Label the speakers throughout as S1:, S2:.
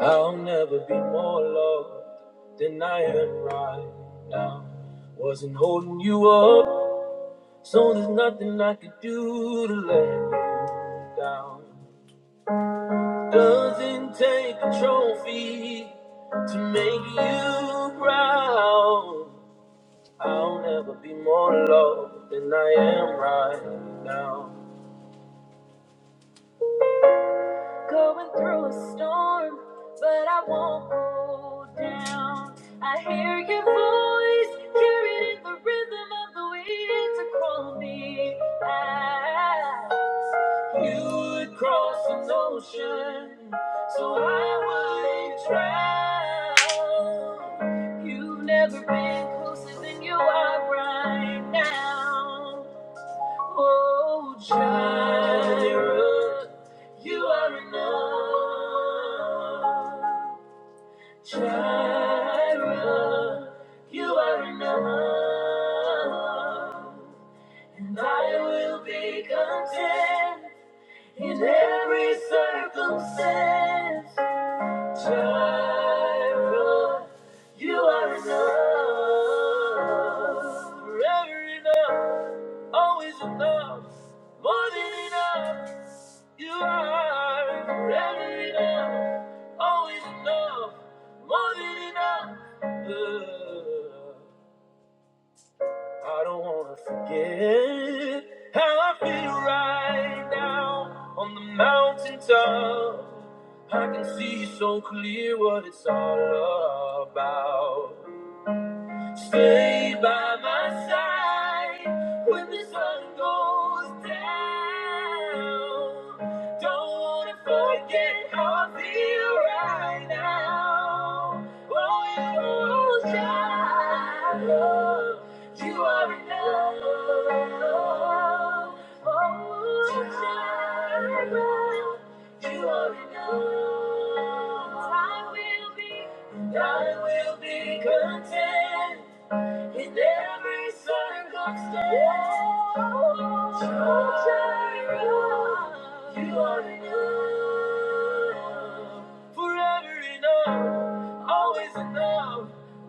S1: I'll never be more loved than I am right now. Wasn't holding you up, so there's nothing I could do to let you down. Doesn't take a trophy to make you proud. I'll never be more loved than I am right now. Going through a storm, but I won't go down. I hear your voice, carried in the rhythm of the wind to call me out. You would cross an ocean, so I wouldn't drown. You've never been closer than you are right now. Oh, Jireh, you are enough. Jireh, you are enough. And I will be content in every circumstance. Jireh, you are enough. Forever enough. Always enough, more than enough. You are forever enough. Always enough, more than enough. Uh, I don't wanna forget how I feel right now on the mountaintop. I can see so clear what it's all about. Stay by my side when the sun goes down. Don't wanna forget how I feel right now. Oh, you child, you are enough. Oh, child, you are enough. I will be, I will be content. In every circumstance, Jehovah Jireh, you are enough. Forever enough, always enough,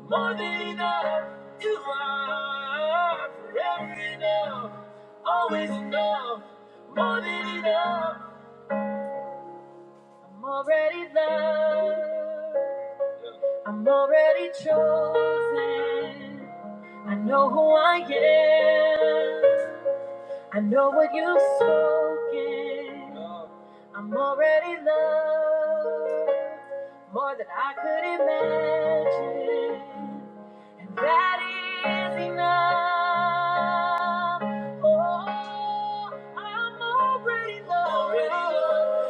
S1: more than enough. You are forever enough, always enough, more than enough. I'm already loved. I'm already chosen. I know who I am. I know what you've spoken. I'm already loved more than I could imagine, and that is enough. Oh, I'm already loved.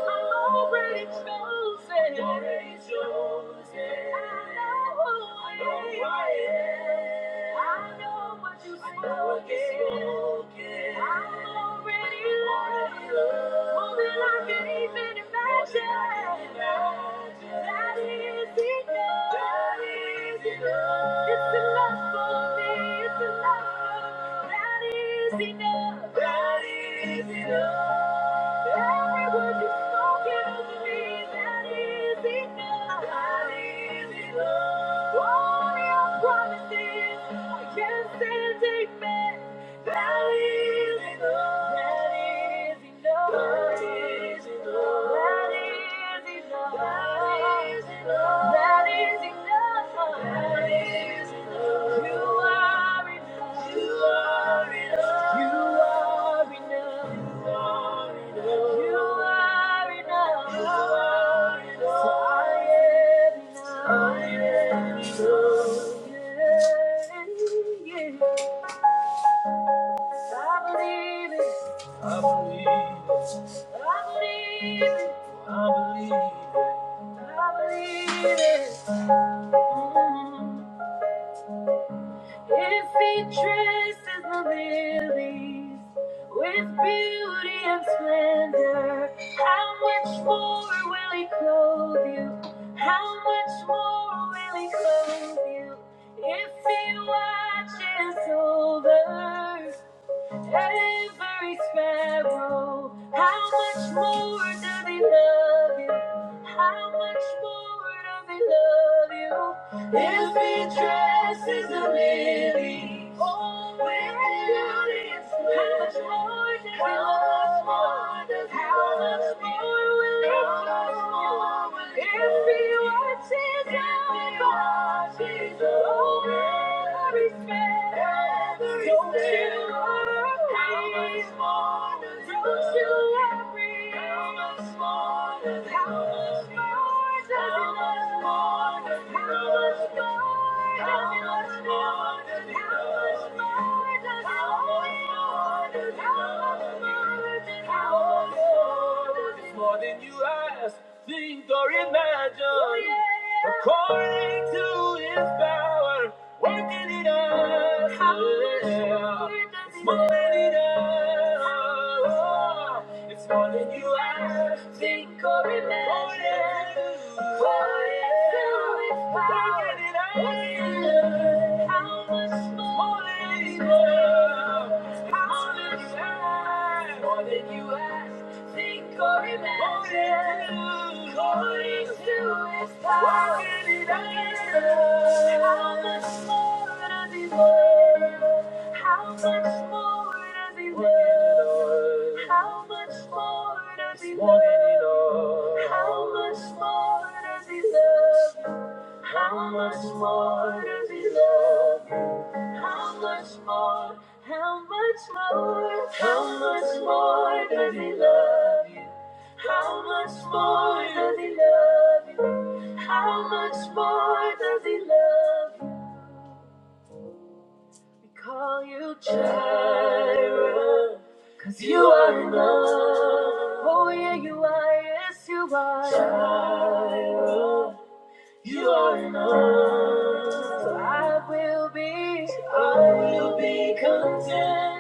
S1: I'm already chosen. Already chosen. I know who I am. I know what you I spoken. I'm already loved. More than I can even imagine. That is enough. That is enough. It's enough for me. It's enough. That is enough. That is enough. Every word you've spoken over me, that is enough. That is enough. All your promises, I can't stand amen. That is enough. That is enough. That is enough. That is enough. That is enough. That is enough. You are enough. You are enough. You are enough. You are enough. You are enough. So I am enough. I am enough. Yeah. I believe it. I believe it. I believe it. I believe it. I believe it. Mm. If he dresses the lilies with beauty and splendor, how much more will he clothe you? How much more will he clothe you? If he watches over every sparrow. How much more do they love you? How much more do they love you? Every dress is a lily. Oh, with beauty and splendor. How much more does how much more how much more will it more Every watch is every watch over. Every spell. Don't you spell. worry. More than you ask, think or imagine, according to His power Working it out, yeah. It's more than it out. It's more than you ever think or imagine. What it's doing, working it out. Working it out. How much more than it it is? How much more than you ask? Think or imagine, according to his power, how much more does he love? How much more does he love? How much more does he worth? How much more does he love? How much more does he love? How much more? How much more? How much more does he love you? How much more does he love you? How much more does he love you? We call you Jireh, cause you are enough. Oh yeah, you are, yes you are. Jireh, you are enough. So I will be, I will be content.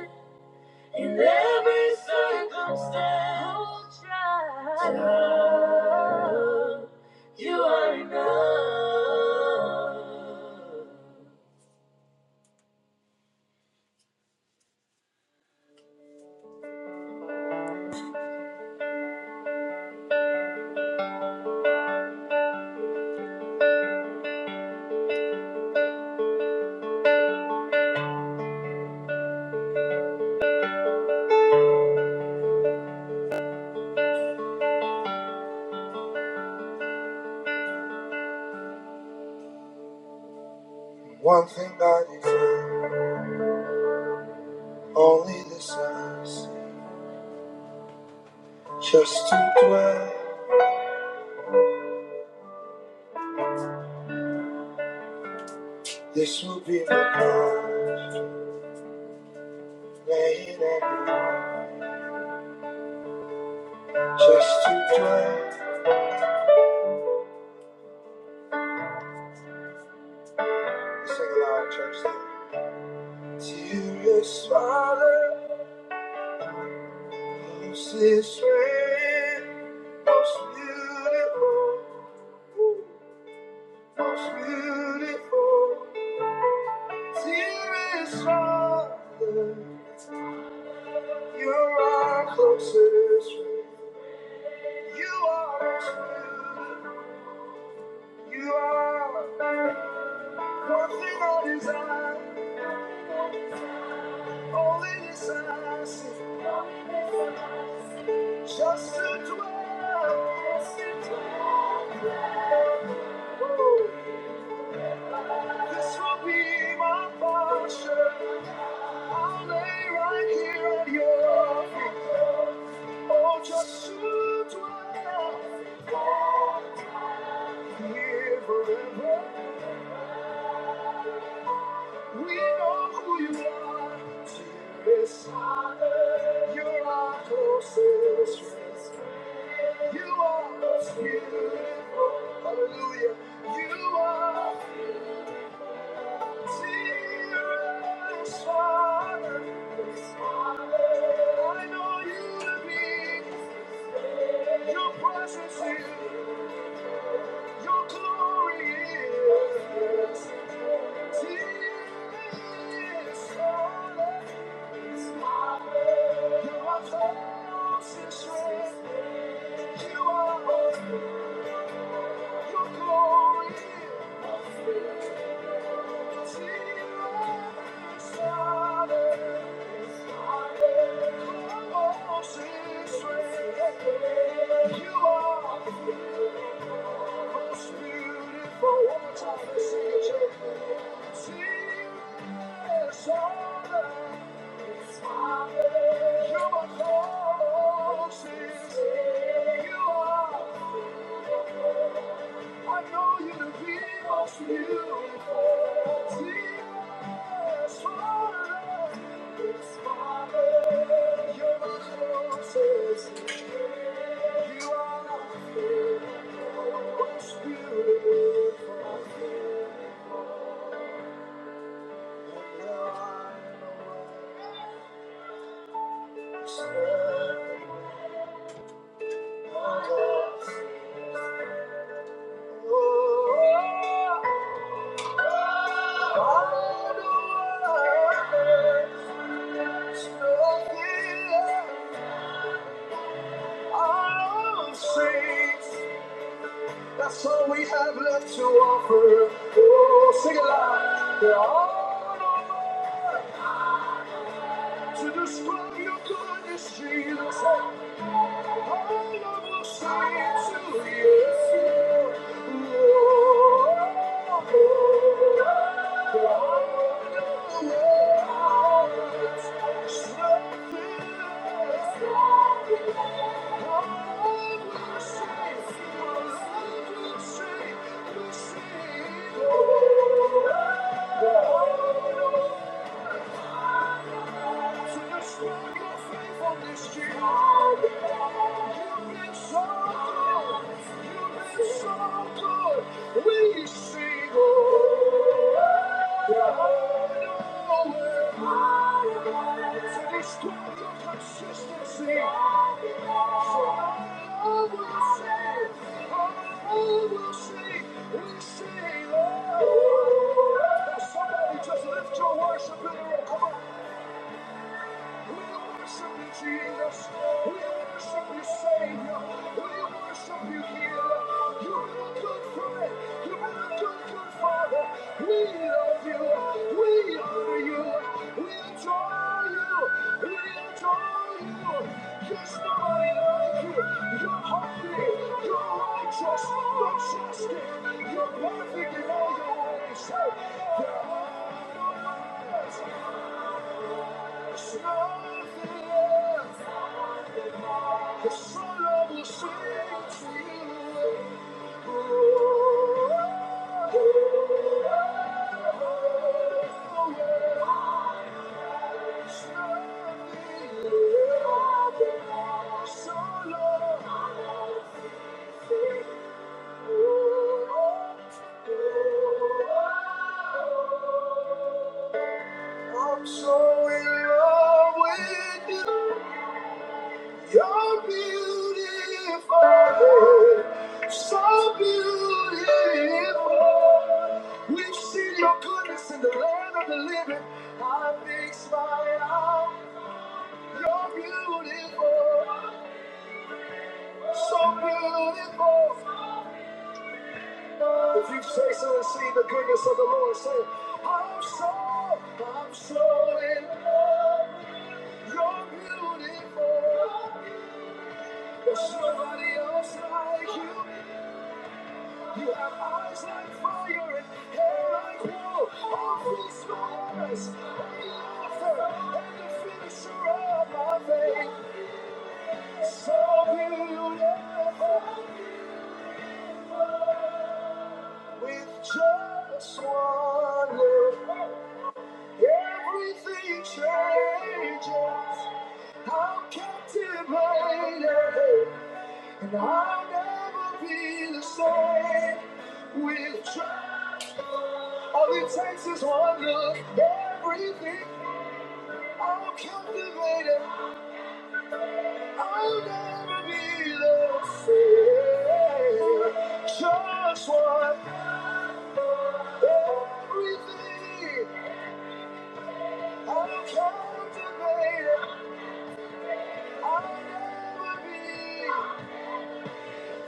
S1: In every circumstance, child, you are enough. One thing I desire, only desires, just to dwell. This will be my prayer, lay it at your feet, just to dwell. Sing aloud, church. Sing. Dearest Father, most is great, most beautiful. Most beautiful, dearest heart, just as it this will be my portion. I'll lay right here at your feet. Oh, just to dwell here forever. We know who you are, dearest Father. You're our closest friend. You are most beautiful. Hallelujah. You are dearest Father. I know you to be. Your presence is. Your glory is. Dearest Father. You are close and strong. You are. most beautiful. Your glory must be seen over Israel. Close Israel. You are most beautiful. One more time, let's sing it, church. Seen Israel. You are You are. I know you to be most beautiful. Jesus, forever, Father, you're my closest. friend. You are my favorite, most beautiful. No one knows the That's all we have left to offer. Oh, sing aloud. There are no words to describe your goodness, Jesus. Thank you. So let your faith on this year. You've been so good. You've been so good. We sing, oh, Yahweh. So destroy your consistency. So will sing. I will sing. We sing, oh. Now Somebody just lift your worship in the room. Come on. We worship you, Jesus. We worship you, Savior. We worship you, Healer. You're a good friend. You're a good, good Father. We love you. We honor you. We adore you. We adore you. There's nobody like you. You're holy. You're righteous. You're justice. You're perfect in all your ways. Solo. We could I fix my eyes. You're beautiful, so beautiful. If you say so and see the goodness of the Lord, say, I'm so, I'm so in love. You're beautiful. There's nobody else like you. You have eyes like fire and hair like wool. All these matters, the author and the finisher of my faith. So beautiful, with just one look, everything changes. I'm captivated, and I'll never be the same. With just all it takes is one look. Everything I'm captivated. I'll never be the same. Just one. Everything I'm captivated. I'll never be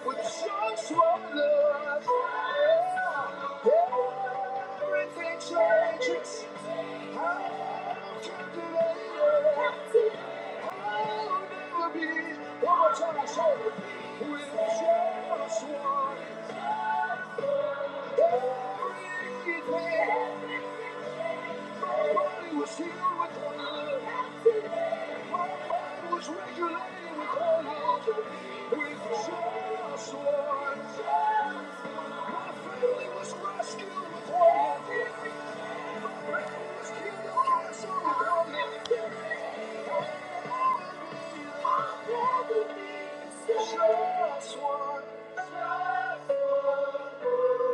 S1: with just one look. Yeah. Everything changes. I'm captivated. My family was Regulated with all of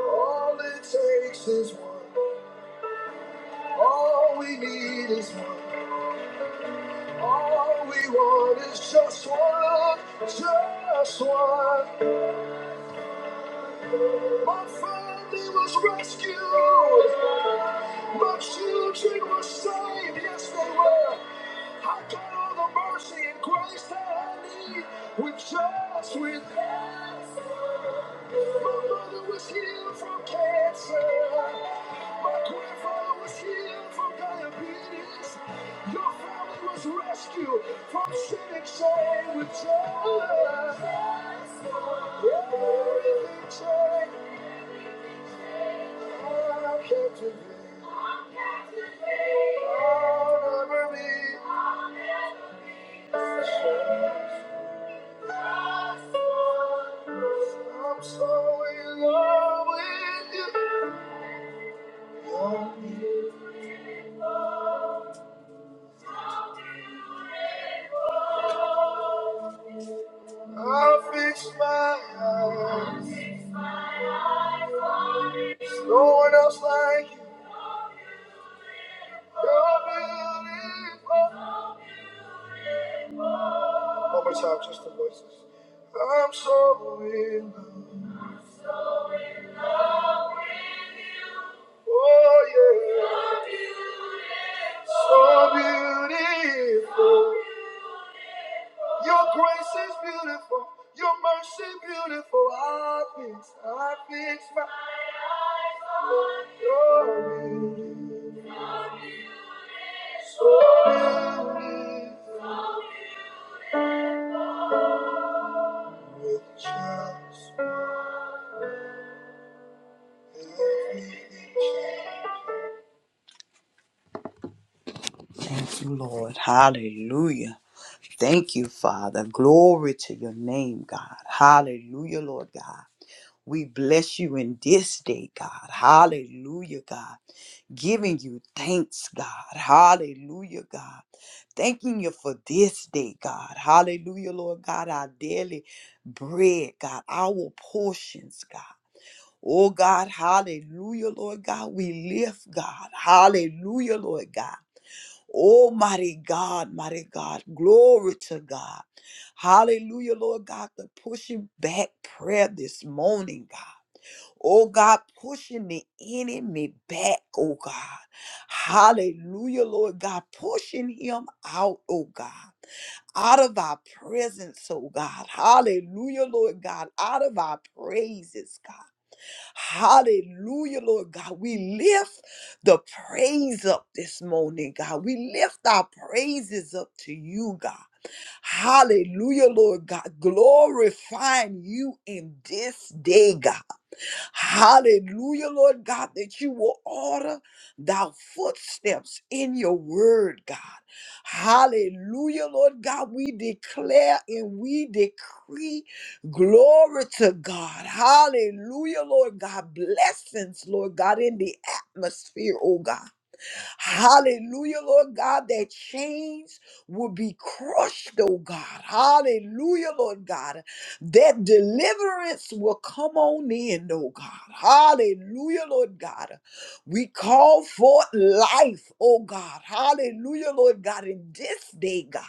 S1: all it takes is one. All we need is one. All we want is just one. Just one. My family was rescued. My children were saved. Yes, they were. I got all the mercy and grace that I need with just with My mother was healed from cancer. My grandfather was healed from diabetes. Your family was rescued from sin and shame with just. Everything changed. I'm so in love with you. I fix my eyes. No one else like you. You're beautiful. One more time, just the voices. I'm so in love. Oh yeah, so beautiful. Your grace is beautiful. Your mercy beautiful. I fix, I fix my glory. So beautiful. Thank you, Lord. Hallelujah. Thank you, Father. Glory to your name, God. Hallelujah, Lord God. We bless you in this day, God. Hallelujah, God. Giving you thanks, God. Hallelujah, God. Thanking you for this day, God. Hallelujah, Lord God. Our daily bread, God. Our portions, God. Oh, God. Hallelujah, Lord God. We lift, God. Hallelujah, Lord God. Almighty God, mighty God. Glory to God. Hallelujah, Lord God. The pushing back prayer this morning, God. Oh God, pushing the enemy back, oh God. Hallelujah, Lord God, pushing him out, oh God out of our presence, oh God. Hallelujah, Lord God. Out of our praises, God. Hallelujah, Lord God. We lift the praise up this morning, God. We lift our praises up to you, God. Hallelujah, Lord God. Glorifying you in this day, God. Hallelujah, Lord God, that you will order thy footsteps in your word, God. Hallelujah, Lord God. We declare and we decree glory to God. Hallelujah, Lord God. Blessings, Lord God, in the atmosphere, oh God. Hallelujah, Lord God, that chains will be crushed, oh God. Hallelujah, Lord God that deliverance will come on in, oh God. Hallelujah, Lord God. We call forth life, oh God. Hallelujah, Lord God, in this day, God.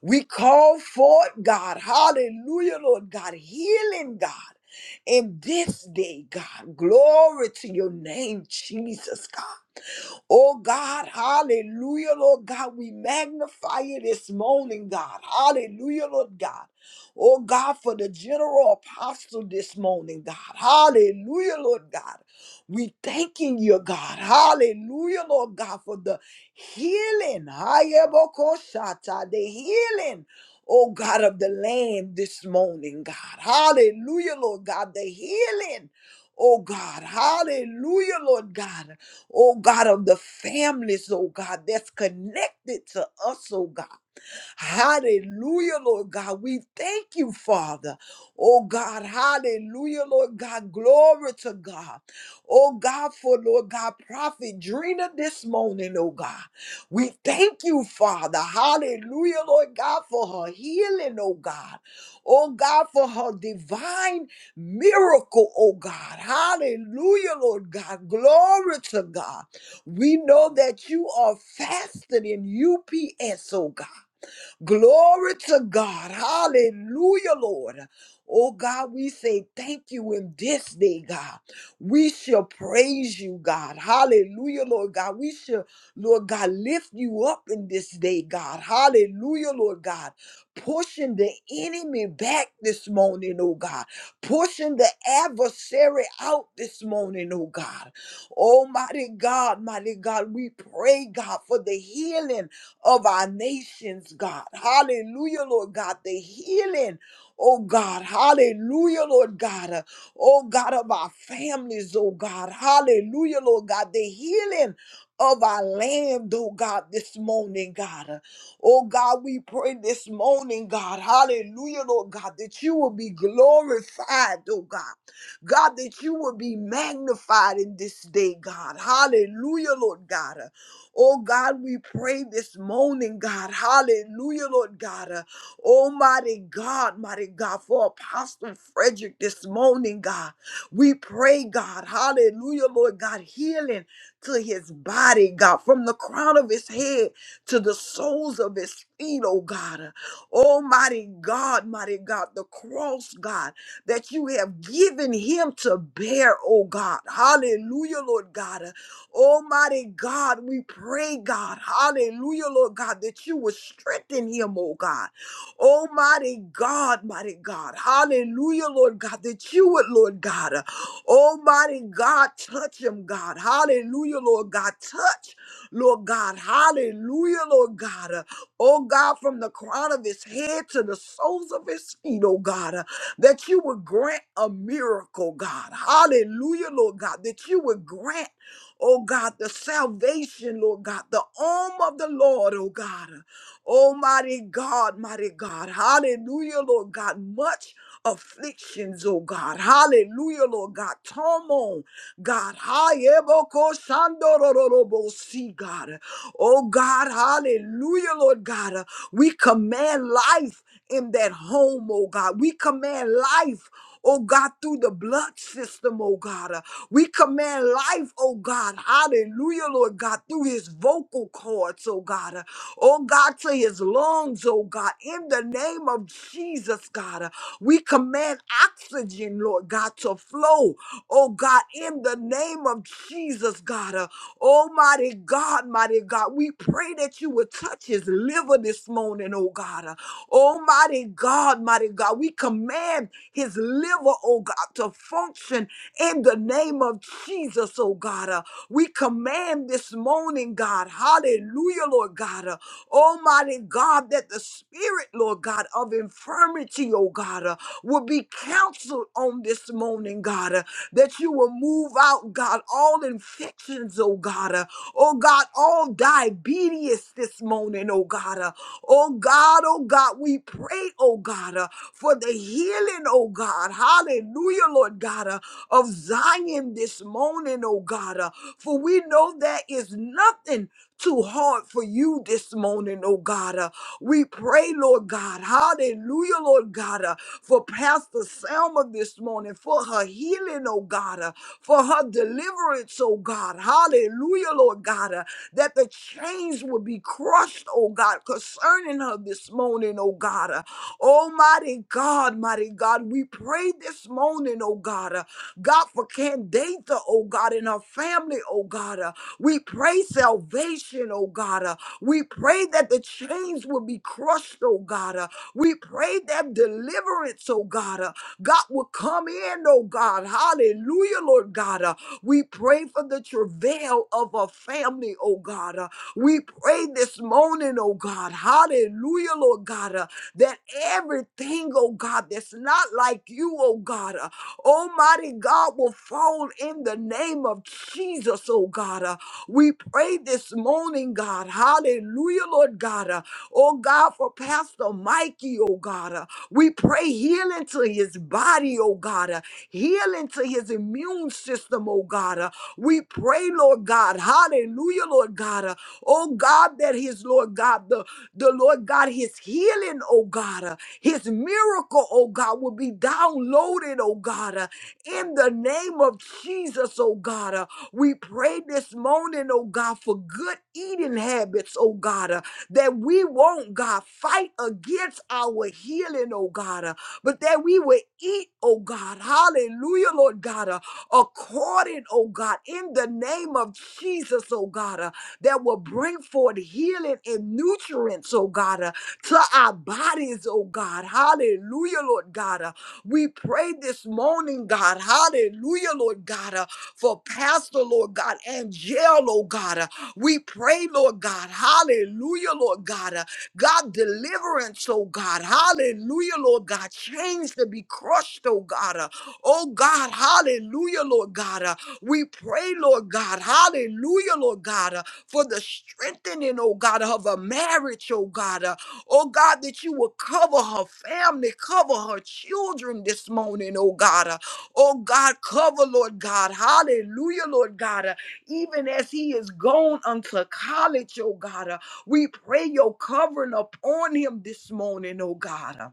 S1: We call forth, God. Hallelujah, Lord God, healing, God. In this day, God, glory to your name, Jesus, God. Oh God, hallelujah, Lord God. We magnify you this morning, God. Hallelujah, Lord God. Oh God, for the general apostle this morning, God. Hallelujah, Lord God. We thanking you, God. Hallelujah, Lord God, for the healing. Hayebokoshata, The healing. Oh God of the land this morning, God. Hallelujah, Lord God. The healing. Oh God. Hallelujah, Lord God oh God, of the families, oh God, that's connected to us, oh God. Hallelujah, Lord God. We thank you, Father. Oh God, hallelujah, Lord God. Glory to God. Oh God, for Lord God, Prophet Drina this morning, oh God. We thank you, Father. Hallelujah, Lord God, for her healing, oh God. Oh God, for her divine miracle, oh God. Hallelujah, Lord God. Glory to God. We know that you are faster than UPS, oh God. Glory to God. Hallelujah, Lord. Oh God, we say thank you in this day, God. We shall praise you, God. Hallelujah, Lord God. We shall, Lord God, lift you up in this day, God. Hallelujah, Lord God. Pushing the enemy back this morning, oh God. Pushing the adversary out this morning, oh God. Almighty God, mighty God, we pray, God, for the healing of our nations, God. Hallelujah, Lord God. The healing, oh God. Hallelujah, Lord God. Uh, Oh God, of our families, oh God. Hallelujah, Lord God. The healing of our land, oh God, this morning, God. Uh, Oh God, we pray this morning, God. Hallelujah, Lord God, that you will be glorified, oh God. God, that you will be magnified in this day, God. Hallelujah, Lord God. Oh God, we pray this morning, God. Hallelujah, Lord God. Uh, Almighty God, mighty God, for Apostle Frederick this morning, God. We pray, God. Hallelujah, Lord God, healing to his body, God, from the crown of his head to the soles of his feet, oh God. Uh, Almighty God, mighty God, the cross, God, that you have given him to bear, oh God. Hallelujah, Lord God. Uh, Almighty God, we pray, God, hallelujah, Lord God, that you will strengthen him, oh God. Almighty God, mighty God, hallelujah, Lord God, that you would, Lord God, uh, Almighty God, touch him, God, hallelujah, Lord God, touch, Lord God, hallelujah, Lord God, uh, oh God, from the crown of his head to the soles of his feet, oh God, uh, that you would grant a miracle, God, hallelujah, Lord God, that you would grant. Oh God, the salvation, Lord God, the arm of the Lord, oh God. Almighty God, mighty God. Hallelujah, Lord God. Much afflictions, oh God. Hallelujah, Lord God. Torment, God. See, God. Oh God, hallelujah, Lord God. We command life in that home, oh God. We command life oh God, through the blood system, oh God. Uh, we command life, oh God. Hallelujah, Lord God, through his vocal cords, oh God. Uh, oh God, to his lungs, oh God. In the name of Jesus, God, uh, we command oxygen, Lord God, to flow, oh God, in the name of Jesus, God. Uh, Oh, mighty God, mighty God, we pray that you would touch his liver this morning, oh God. Uh, Oh, mighty God, mighty God, we command his liver, oh God, to function in the name of Jesus, oh God. Uh, We command this morning, God, hallelujah, Lord God. Uh, Almighty God, that the spirit, Lord God, of infirmity, oh God, uh, will be counseled on this morning, God, uh, that you will move out, God, all infections, oh God, uh, oh God, all diabetes this morning, oh God, uh, Oh God, oh God, we pray, oh God, uh, for the healing, oh God. Hallelujah, Lord God, uh, of Zion this morning, oh God. uh, for we know there is nothing too hard for you this morning, oh God. uh. we pray, Lord God. Hallelujah, Lord God, uh, for Pastor Selma this morning, for her healing, oh God, uh, for her deliverance, oh God. Hallelujah, Lord God, uh, that the chains will be crushed, oh God, concerning her this morning, oh God. uh, Oh, mighty God, mighty God, we pray this morning, oh God, uh, God for Candatha, oh God, and her family, oh God. uh, we pray salvation, oh God. uh, we pray that the chains will be crushed, oh God. uh, we pray that deliverance, oh God, uh, God will come in, oh God. Hallelujah, Lord God. uh, we pray for the travail of a family, oh God. uh, we pray this morning, oh God. Hallelujah, Lord God. uh, that everything, oh God, that's not like you, oh God, uh, Almighty God, will fall in the name of Jesus, oh God. uh, we pray this morning, God. Hallelujah, Lord God. uh, oh God, for Pastor Mikey, oh God. uh, we pray healing to his body, oh God. uh, healing to his immune system, oh God. uh, we pray, Lord God. Hallelujah, Lord God. uh, Oh God, that his Lord God, the, the Lord God, his healing, oh God, uh, his miracle, oh God, will be downloaded, oh God, uh, in the name of Jesus, oh God. uh, we pray this morning, oh God, for good eating habits, oh God, uh, that we won't, God, fight against our healing, oh God, uh, but that we will eat, oh God, hallelujah, Lord God, uh, according, oh God, in the name of Jesus, oh God. uh, that will bring forth healing and nutrients, oh God, uh, to our bodies, oh God. Hallelujah, Lord God. Uh, we pray this morning, God. Hallelujah, Lord God, uh, for Pastor, Lord God, and jail, oh God. uh, we pray, Lord God. Hallelujah, Lord God. uh, God, deliverance, oh God. Hallelujah, Lord God. Chains to be crushed, oh God. uh, oh God, hallelujah, Lord God. uh, we pray, Lord God. Hallelujah, Lord God. uh, for the strengthening, oh God, of her marriage, oh God. Uh, oh God, that you will cover her family, cover her children this morning, oh God. Uh, oh God, cover, Lord God. Hallelujah, Lord God. Uh, even as he is gone unto college, oh God, uh, we pray your covering upon him this morning, oh God. uh,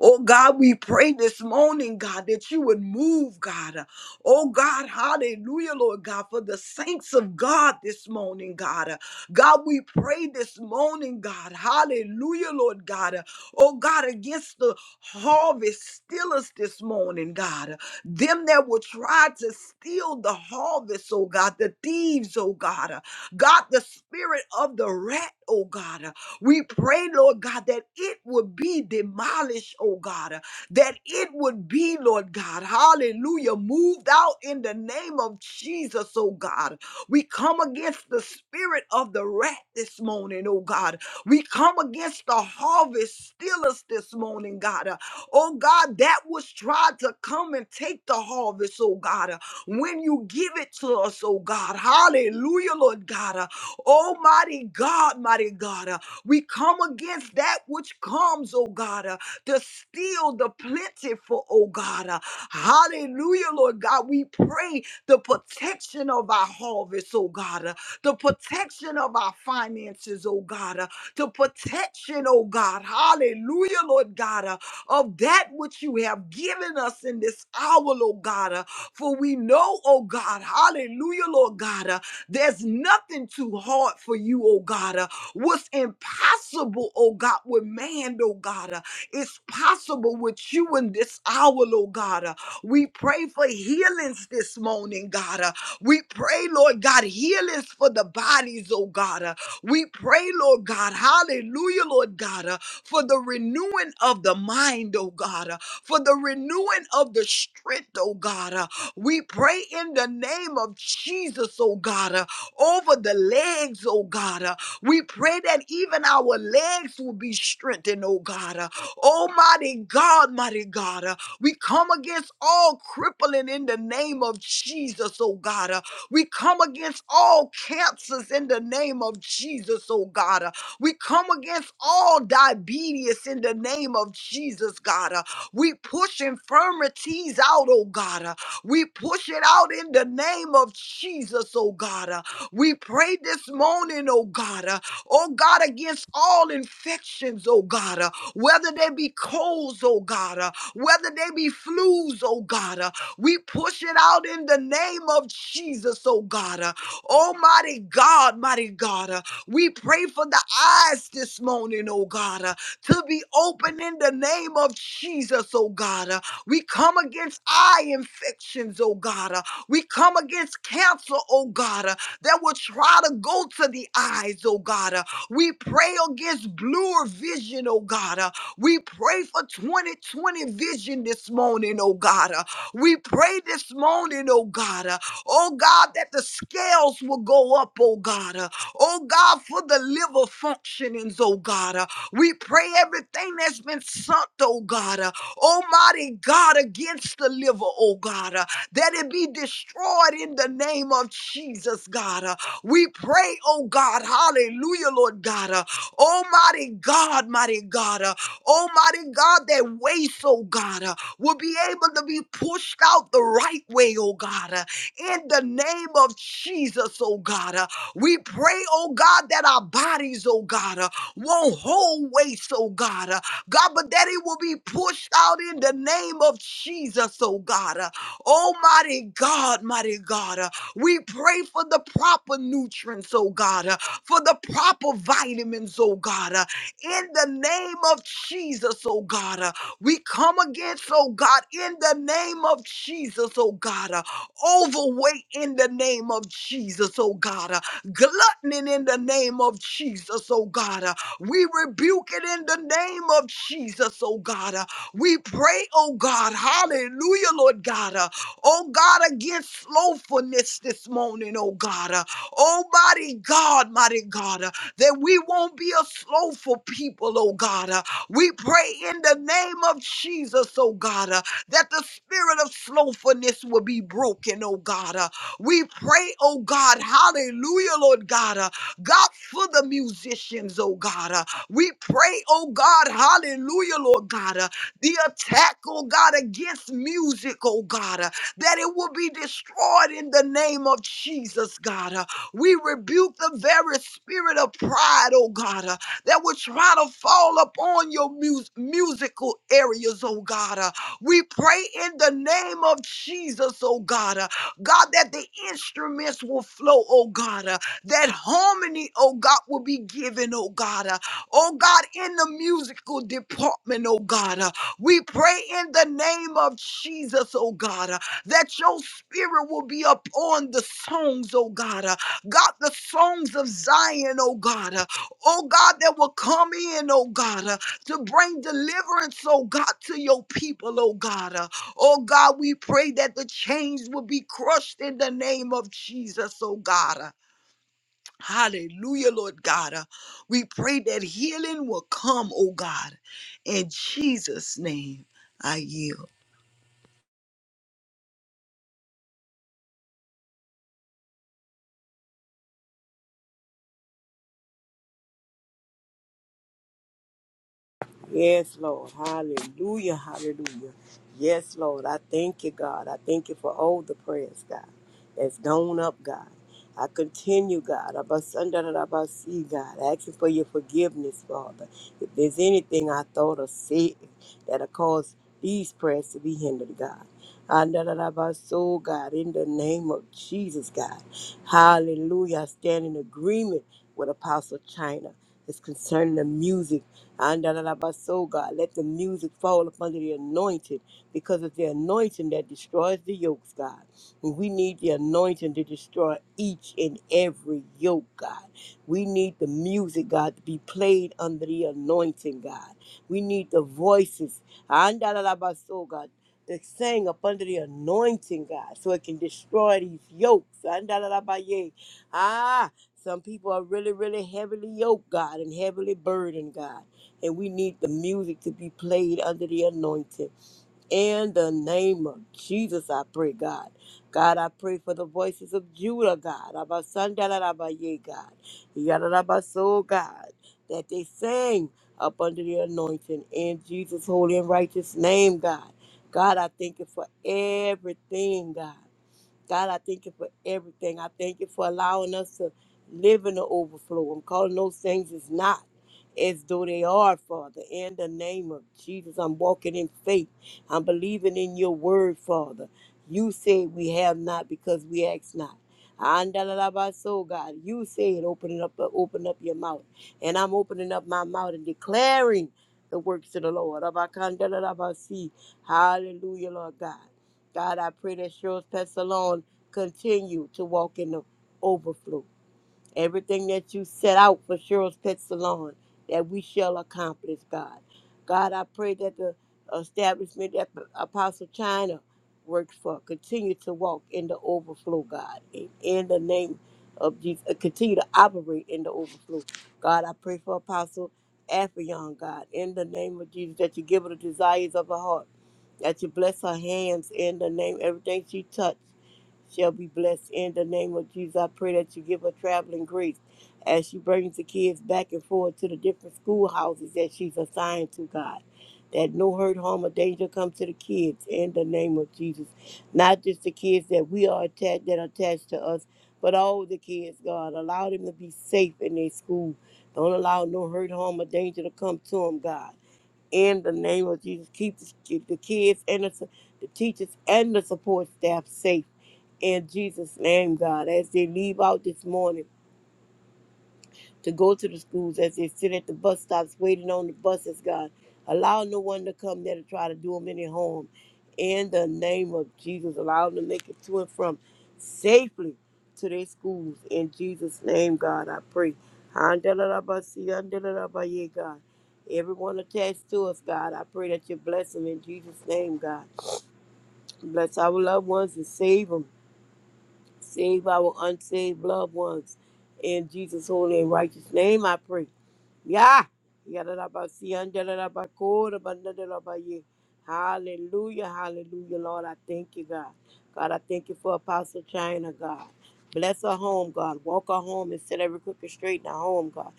S1: Oh God, we pray this morning, God, that you would move, God. Oh God, hallelujah, Lord God, for the saints of God this morning, God. God, we pray this morning, God. Hallelujah, Lord God. Oh God, against the harvest stealers this morning, God. Them that will try to steal the harvest, oh God, the thieves, oh God. God, the spirit of the rat, oh God. We pray, Lord God, that it would be demolished, oh God, uh, that it would be, Lord God, hallelujah, moved out in the name of Jesus, oh God. We come against the spirit of the rat this morning, oh God. We come against the harvest stealers this morning, God. Uh, Oh God, that was tried to come and take the harvest, oh God. Uh, When you give it to us, oh God, hallelujah, Lord God. Uh, Almighty God, mighty God. uh, we come against that which comes, oh God, uh, to steal the plentiful, oh God. uh, hallelujah, Lord God. We pray the protection of our harvest, oh God, uh, the protection of our finances, oh God, uh, the protection, oh God. Hallelujah, Lord God, uh, of that which you have given us in this hour, oh God. uh, for we know, oh God, hallelujah, Lord God. uh, there's nothing too hard for you, oh God. Uh, What's impossible, oh God, with man, oh God, uh, it's possible with you in this hour, oh God. Uh, We pray for healings this morning, God. Uh, We pray, Lord God, healings for the bodies, oh God. Uh, we pray, Lord God, hallelujah, Lord God, uh, for the renewing of the mind, oh God, uh, for the renewing of the strength, oh God. uh. we pray in the name of Jesus, oh God, uh, over the legs, oh God. uh. we pray that even our legs will be strengthened, oh God. uh. Almighty God, mighty God, uh, we come against all crippling in the name of Jesus, oh God. uh, we come against all cancers in the name of Jesus, oh God. Uh, We come against all diabetes in the name of Jesus, God. Uh, We push infirmities out, oh God. Uh, We push it out in the name of Jesus, oh God. Uh, We pray this morning, oh God. uh, oh God, against all infections, oh God, uh, whether they be colds, oh God, uh, whether they be flus, oh God, uh, we push it out in the name of Jesus, oh God, uh, almighty God, mighty God, uh, we pray for the eyes this morning, oh God, uh, to be open in the name of Jesus, oh God, uh, we come against eye infections, oh God, uh, we come against cancer, oh God, uh, that will try to go to the eyes, oh God. uh. We pray against bluer vision, oh God. uh, we pray for 2020 vision this morning, oh God. Uh, We pray this morning, oh God. uh, Oh God, that the scales will go up, oh God. uh, Oh God, for the liver functionings, oh God. uh, We pray everything that's been sunk, oh God. uh, Almighty God, against the liver, oh God. uh, That it be destroyed in the name of Jesus, God. uh, We pray, oh God. Hallelujah, Lord God. uh, Almighty God, mighty God. Uh, Almighty God, that waste, oh God, uh, will be able to be pushed out the right way, oh God, uh, in the name of Jesus, oh God. uh, we pray, oh God, that our bodies, oh God, uh, won't hold waste, oh God, uh, God, but that it will be pushed out in the name of Jesus, oh God. uh, Almighty God, mighty God, uh, we pray for the proper nutrients, oh God, uh, for the proper vitamins, oh God. uh, in the name of Jesus, oh God. Uh, we come against, oh God, in the name of Jesus, oh God. Uh, overweight in the name of Jesus, oh God. Uh, gluttony in the name of Jesus, oh God. Uh, we rebuke it in the name of Jesus, oh God. Uh, we pray, oh God, hallelujah, Lord God. uh, Oh God, against slowfulness this morning, oh God. Uh, oh mighty God, mighty God, uh, that we won't be a slowful people, oh God. Uh, we pray in the name of Jesus, oh God, uh, that the spirit of slowfulness will be broken, oh God. Uh, we pray, oh God, hallelujah, Lord God. Uh, God, for the musicians, oh God. Uh, we pray, oh God, hallelujah, Lord God. Uh, the attack, oh God, against music, oh God. Uh, that it will be destroyed in the name of Jesus, God. Uh, We rebuke the very spirit of pride, oh God, uh, that would try to fall upon your mus- musical areas, oh God. Uh, We pray in the name of Jesus, oh God, uh, God, that the instruments will flow, oh God, uh, that harmony, oh God, will be given, oh God, uh, oh God, in the musical department, oh God. uh, we pray in the name of Jesus, oh God. Uh, that your spirit will be upon the songs, oh God. Uh, God, the songs of Zion, oh God. Uh, oh God, that will come in, oh God, uh, to bring deliverance, oh God, to your people, oh God. Uh, oh God, we pray that the chains will be crushed in the name of Jesus, oh God. Uh, hallelujah, Lord God. Uh, we pray that healing will come, oh God. In Jesus' name, I yield.
S2: Yes, Lord. Hallelujah. Hallelujah. Yes, Lord. I thank you, God. I thank you for all the prayers, God, that's gone up, God. I continue, God. Abasandarabasi, God. Asking for your forgiveness, Father. If there's anything I thought or said that'll cause these prayers to be hindered, God. Andarabaso, God, in the name of Jesus, God. Hallelujah. I stand in agreement with Apostle China. It's concerning the music Andalabaso, God, let the music fall upon the anointed because it's the anointing that destroys the yokes, God. And we need the anointing to destroy each and every yoke, God. We need the music, God, to be played under the anointing, God. We need the voices, Andalabaso, God, to sing up under the anointing, God, so it can destroy these yokes. Andalabaye. Ah, some people are really, really heavily yoked, God, and heavily burdened, God. And we need the music to be played under the anointing. In the name of Jesus, I pray, God. God, I pray for the voices of Judah, God. Abba Sandalabaye, God. Yadalabaso, God. That they sing up under the anointing in Jesus' holy and righteous name, God. God, I thank you for everything, God. God, I thank you for everything. I thank you for allowing us to live in the overflow. I'm calling those things as not as though they are, Father. In the name of Jesus, I'm walking in faith. I'm believing in your word, Father. You say we have not because we ask not. Andalabaso, God, you said, open it up, open up your mouth. And I'm opening up my mouth and declaring the works of the Lord. Abakandalabasi. Hallelujah, Lord God. God, I pray that Cheryl's Pet Salon continue to walk in the overflow. Everything that you set out for Cheryl's Pet Salon, that we shall accomplish, God. God, I pray that the establishment that Apostle China works for continue to walk in the overflow, God. In, in the name of Jesus, uh, continue to operate in the overflow. God, I pray for Apostle Affion, God, in the name of Jesus, that you give her the desires of her heart that you bless her hands in the name. Everything she touched shall be blessed in the name of Jesus. I pray that you give her traveling grace as she brings the kids back and forth to the different schoolhouses that she's assigned to, God. That no hurt, harm, or danger come to the kids in the name of Jesus. Not just the kids that we are attached that are attached to us, but all the kids, God. Allow them to be safe in their school. Don't allow no hurt, harm, or danger to come to them, God in the name of Jesus. Keep the the kids and the, su- the teachers and the support staff safe in Jesus' name, God. As they leave out this morning, to go to the schools as they sit at the bus stops waiting on the buses, God. Allow no one to come there to try to do them any harm. In the name of Jesus, allow them to make it to and from safely to their schools. In Jesus' name, God, I pray. Handalalabasi, andalalabaye, God. Everyone attached to us, God, I pray that you bless them in Jesus' name, God. Bless our loved ones and save them. Save our unsaved loved ones. In Jesus' holy and righteous name, I pray. Yeah. Yadadabakodabanadadabaye. Hallelujah, hallelujah, Lord. I thank you, God. God, I thank you for Apostle China, God. Bless her home, God. Walk her home and set every crooked straight in her home, God.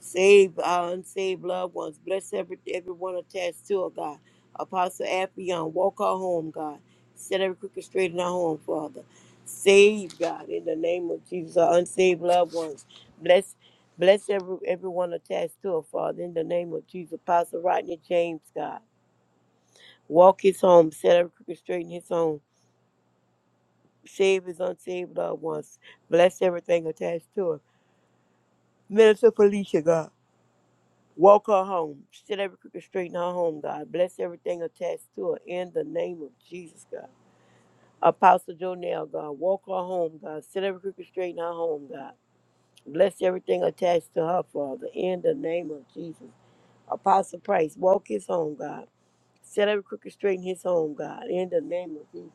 S2: Save our unsaved loved ones. Bless every everyone attached to her, God. Apostle Affion, walk her home, God. Set every crooked straight in her home, Father. Save, God, in the name of Jesus, our unsaved loved ones. Bless bless every, everyone attached to her, Father, in the name of Jesus. Apostle Rodney James, God. Walk his home. Set every crooked straight in his home. Save his unsaved loved ones. Bless everything attached to her. Minister Felicia, God. Walk her home. Set every crooked straight in her home, God. Bless everything attached to her in the name of Jesus, God. Apostle Jonell, God. Walk her home, God. Set every crooked straight in her home, God. Bless everything attached to her, Father, in the name of Jesus. Apostle Price, walk his home, God. Set every crooked straight in his home, God, in the name of Jesus.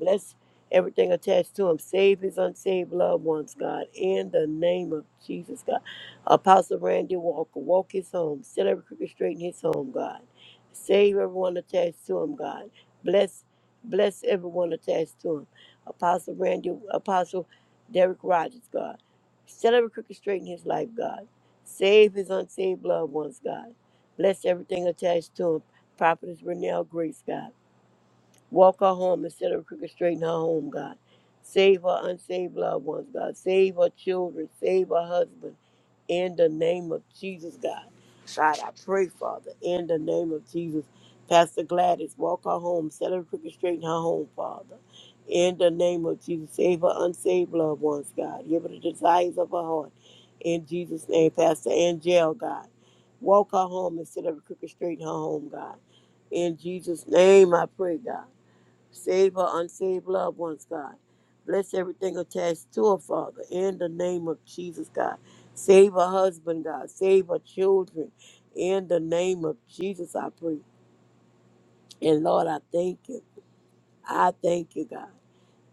S2: Bless everything attached to him. Save his unsaved loved ones, God, in the name of Jesus, God. Apostle Randy Walker, walk his home. Set every crooked straight in his home, God. Save everyone attached to him, God. Bless, bless everyone attached to him. Apostle Randy, Apostle Derek Rogers, God. Set every crooked straight in his life, God. Save his unsaved loved ones, God. Bless everything attached to him. Prophetess Renelle Grace, God. Walk her home instead of crooked, straighten her home, God. Save her unsaved loved ones, God. Save her children. Save her husband. In the name of Jesus, God. God, I pray, Father, in the name of Jesus. Pastor Gladys, walk her home. Set her crooked, straighten her home, Father. In the name of Jesus. Save her unsaved loved ones, God. Give her the desires of her heart. In Jesus' name, Pastor Angel, God. Walk her home instead of crooked, straighten her home, God. In Jesus' name, I pray, God. Save her unsaved loved ones, God. Bless everything attached to her, Father, in the name of Jesus, God. Save her husband, God. Save her children, in the name of Jesus, I pray. And Lord, I thank you. I thank you, God.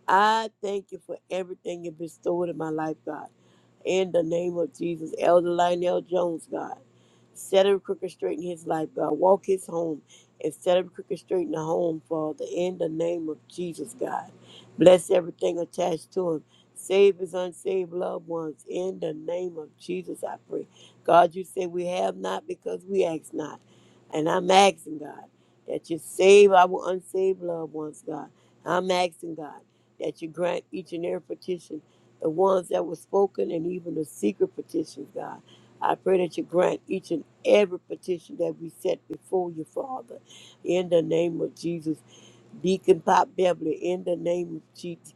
S2: I thank you for everything you bestowed in my life, God. In the name of Jesus, Elder Lionel Jones, God. Set him crooked straight in his life, God. Walk his home and set him crooked straight in the home, Father. In the name of Jesus, God. Bless everything attached to him. Save his unsaved loved ones. In the name of Jesus, I pray. God, you say we have not because we ask not. And I'm asking, God, that you save our unsaved loved ones, God. I'm asking, God that you grant each and every petition, the ones that were spoken and even the secret petitions, God. I pray that you grant each and every petition that we set before you, Father. In the name of Jesus, Deacon Pop Beverly, in the name of Jesus.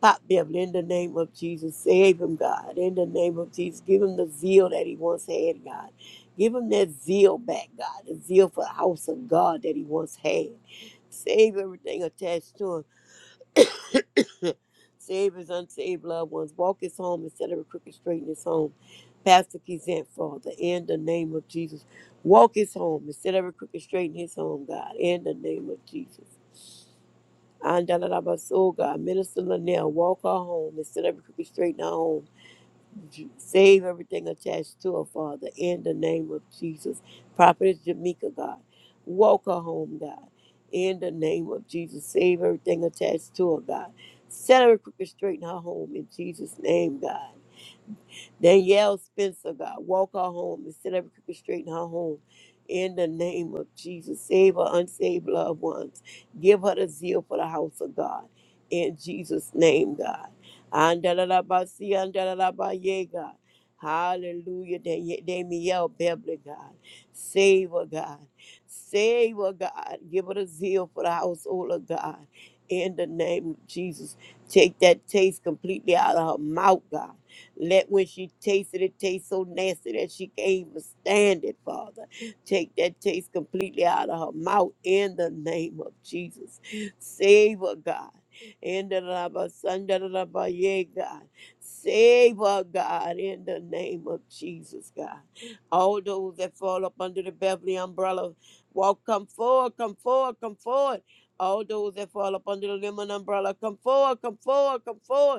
S2: Pop Beverly, in the name of Jesus, save him, God. In the name of Jesus, give him the zeal that he once had, God. Give him that zeal back, God. The zeal for the house of God that he once had. Save everything attached to him Save his unsaved loved ones. Walk his home instead of a crooked straight in his home. Pastor Kizant, Father, in the name of Jesus. Walk his home instead of a crooked straight in his home, God, in the name of Jesus. And God, Minister Linnell, walk our home instead of a crooked straight in her home. Save everything attached to her, Father, in the name of Jesus. Prophetess Jamaica, God. Walk her home, God, in the name of Jesus. Save everything attached to her, God. Set her crooked straight in her home in Jesus' name, God. Danielle Spencer, God, walk her home and set every crooked straight in her home. In the name of Jesus, save her unsaved loved ones. Give her the zeal for the house of God. In Jesus' name, God. Andalabasi, andalabaye, God. Hallelujah. Dan- Danielle Beverly, God. Save her, God. Save her, God. Give her the zeal for the household of God. In the name of Jesus. Take that taste completely out of her mouth, God let when she tasted it taste so nasty that she can't even stand it, Father. Take that taste completely out of her mouth in the name of Jesus. Save her, God. In the Rabba Sanda Rabba Ye, God. Save her, God, in the name of Jesus, God. All those that fall up under the Beverly umbrella, walk, come forward, come forward, come forward. All those that fall up under the lemon umbrella, come forward, come forward, come forward.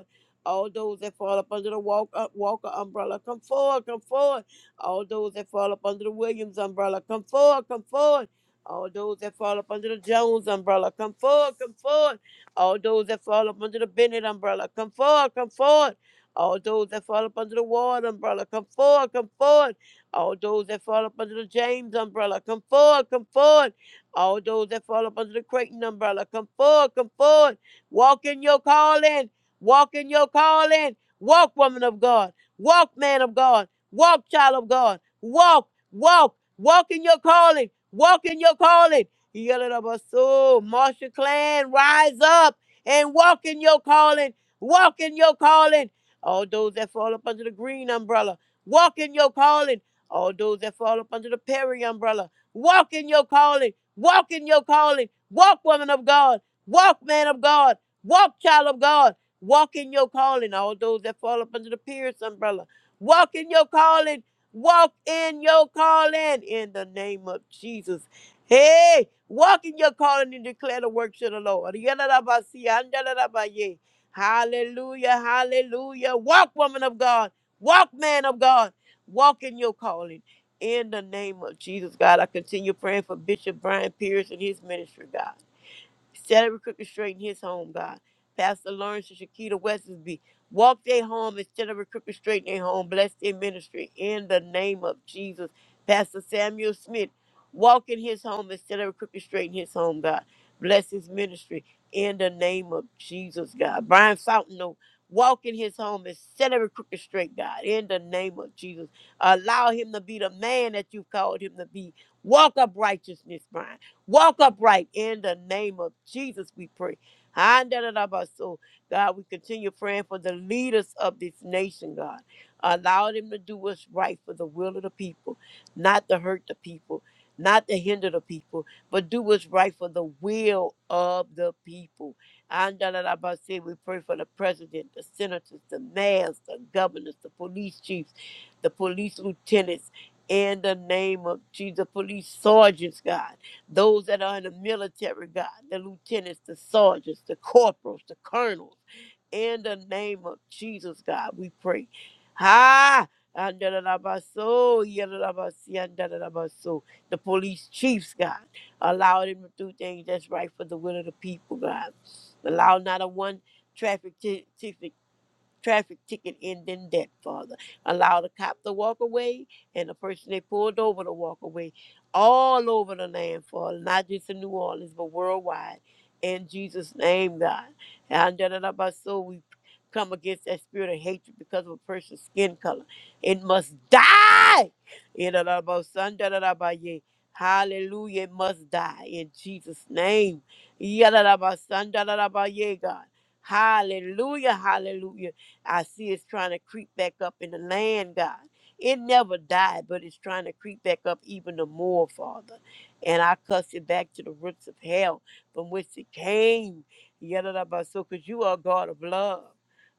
S2: All those that fall up under the walk, uh, Walker umbrella, come forward, come forward. All those that fall up under the Williams umbrella, come forward, come forward. All those that fall up under the Jones umbrella, come forward, come forward. All those that fall up under the Bennett umbrella, come forward, come forward. All those that fall up under the Ward umbrella, come forward, come forward. All those that fall up under the James umbrella, come forward, come forward. All those that fall up under the Creighton umbrella, come forward, come forward. Walk in your calling. Walk in your calling. Walk, woman of God. Walk, man of God. Walk, child of God. Walk, walk, walk in your calling. Walk in your calling. Yalabaso, Marsha Clan, rise up and walk in your calling. Walk in your calling. All those that fall up under the green umbrella, walk in your calling. All those that fall up under the Perry umbrella, walk in your calling. Walk in your calling. Walk, woman of God. Walk, man of God. Walk, child of God. Walk in your calling, all those that fall up under the Pierce umbrella. Walk in your calling. Walk in your calling in the name of Jesus. Hey, walk in your calling and declare the works of the Lord. Yalalabasi, andalalabaye. Hallelujah, hallelujah. Walk, woman of God. Walk, man of God. Walk in your calling. In the name of Jesus, God, I continue praying for Bishop Brian Pierce and his ministry, God. Set every crooked straight in his home, God. Pastor Lawrence and Shakita Wesley, walk their home Instead of every crooked straight in their home. Bless their ministry in the name of Jesus. Pastor Samuel Smith, walk in his home Instead of every crooked straight in his home, God. Bless his ministry in the name of Jesus, God. Brian Fountain, oh, walk in his home Instead of every crooked straight, God, in the name of Jesus. Allow him to be the man that you've called him to be. Walk up righteousness, Brian. Walk upright in the name of Jesus, we pray. So, God, we continue praying for the leaders of this nation, God. Allow them to do what's right for the will of the people, not to hurt the people, not to hinder the people, but do what's right for the will of the people. And say we pray for the president, the senators, the mayors, the governors, the police chiefs, the police lieutenants, in the name of Jesus, police sergeants, God those that are in the military, God, the lieutenants, the sergeants, the corporals, the colonels. In the name of Jesus, God, we pray. Ha! Andalabaso, yadalabasi, andalabaso. The police chiefs, God, allow them to do things that's right for the will of the people, God. Allow not a one traffic ti- ticket traffic ticket in than that, Father. Allow the cop to walk away and the person they pulled over to walk away all over the land, Father, not just in New Orleans, but worldwide. In Jesus' name, God. And da- da- da- ba- so we come against that spirit of hatred because of a person's skin color. It must die. Yeah, da- da- ba- son, da- da- da- ba- ye, Hallelujah. It must die in Jesus' name. Yeah, da- da- ba- son, da- da- da- ba- ye, God. Hallelujah, hallelujah. I see it's trying to creep back up in the land, God. It never died, but it's trying to creep back up even the more, Father. And I cuss it back to the roots of hell from which it came. Yadadabaso, because you are God of love.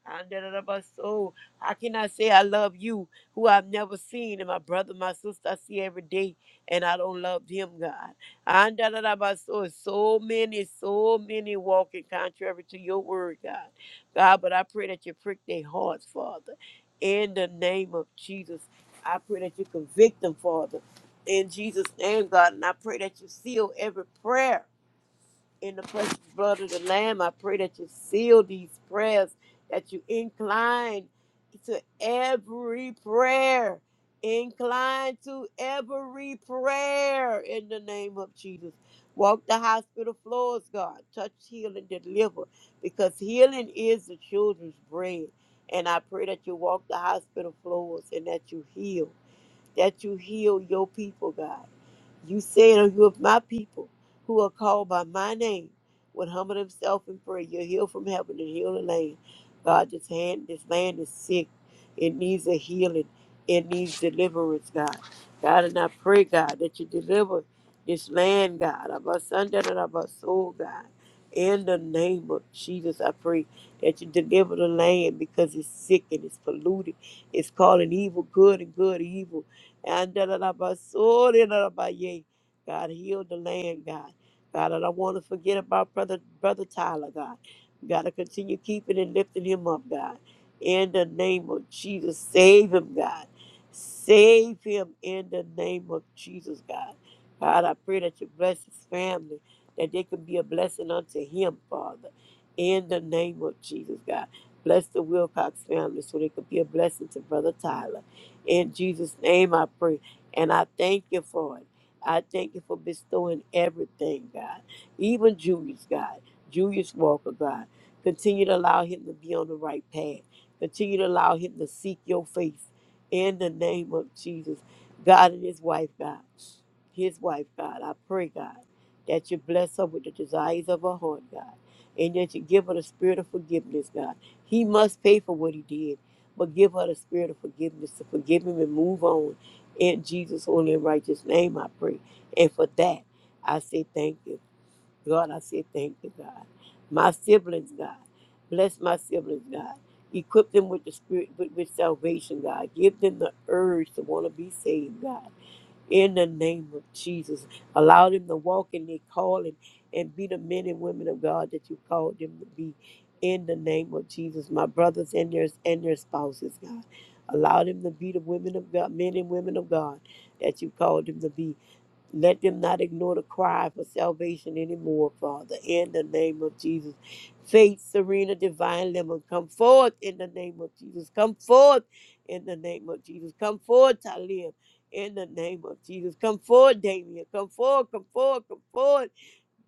S2: Andadadabaso. How can I say I love you, who I've never seen, and my brother, my sister, I see every day, and I don't love him, God? Andadadabaso. So many, so many walking contrary to your word, God. God, but I pray that you prick their hearts, Father. In the name of Jesus, I pray that you convict them, Father. In Jesus' name, God, and I pray that you seal every prayer in the precious blood of the Lamb. I pray that you seal these prayers, that you incline to every prayer. Incline to every prayer in the name of Jesus. Walk the hospital floors, God. Touch, heal, and deliver because healing is the children's bread. And I pray that you walk the hospital floors and that you heal that you heal your people, God. You said, "If you of my people who are called by my name would humble themselves and pray, you'll heal from heaven and heal the land. God, this, hand, this land is sick. It needs a healing. It needs deliverance, God. God, and I pray, God, that you deliver this land, God, of our son and of our soul, God. In the name of Jesus, I pray that you deliver the land because it's sick and it's polluted. It's calling evil good and good evil and da- da- da- ba- so- da- da- da- ba- yay. God, heal the land, God. God, I don't want to forget about brother brother Tyler, God. You Got to continue keeping and lifting him up, God. In the name of Jesus, save him, God. Save him in the name of Jesus, God. God, I pray that you bless his family, that they can be a blessing unto him, Father. In the name of Jesus, God. Bless the Wilcox family so they could be a blessing to Brother Tyler in Jesus' name I pray. And I thank you for it. I thank you for bestowing everything, God. Even Julius, God. Julius Walker, God. Continue to allow him to be on the right path. Continue to allow him to seek your face in the name of Jesus. God and his wife, God. His wife, God. I pray, God, that you bless her with the desires of her heart, God. And that you give her the spirit of forgiveness, God. He must pay for what he did but give her the spirit of forgiveness to forgive him and move on. In Jesus' holy and righteous name, I pray. And for that, I say thank you. God, I say thank you, God. My siblings, God. Bless my siblings, God. Equip them with the spirit, with, with salvation, God. Give them the urge to want to be saved, God in the name of Jesus. Allow them to walk in their calling and be the men and women of God that you called them to be in the name of Jesus. My brothers and their and their spouses, God. Allow them to be the women of God, men and women of God that you called them to be let them not ignore the cry for salvation anymore, Father. In the name of Jesus. Faith, Serena, Divine Lemon, come forth in the name of Jesus. Come forth in the name of Jesus. Come forth, Talia, in the name of Jesus. Come forth, Damien. Come forth, come forth, come forth.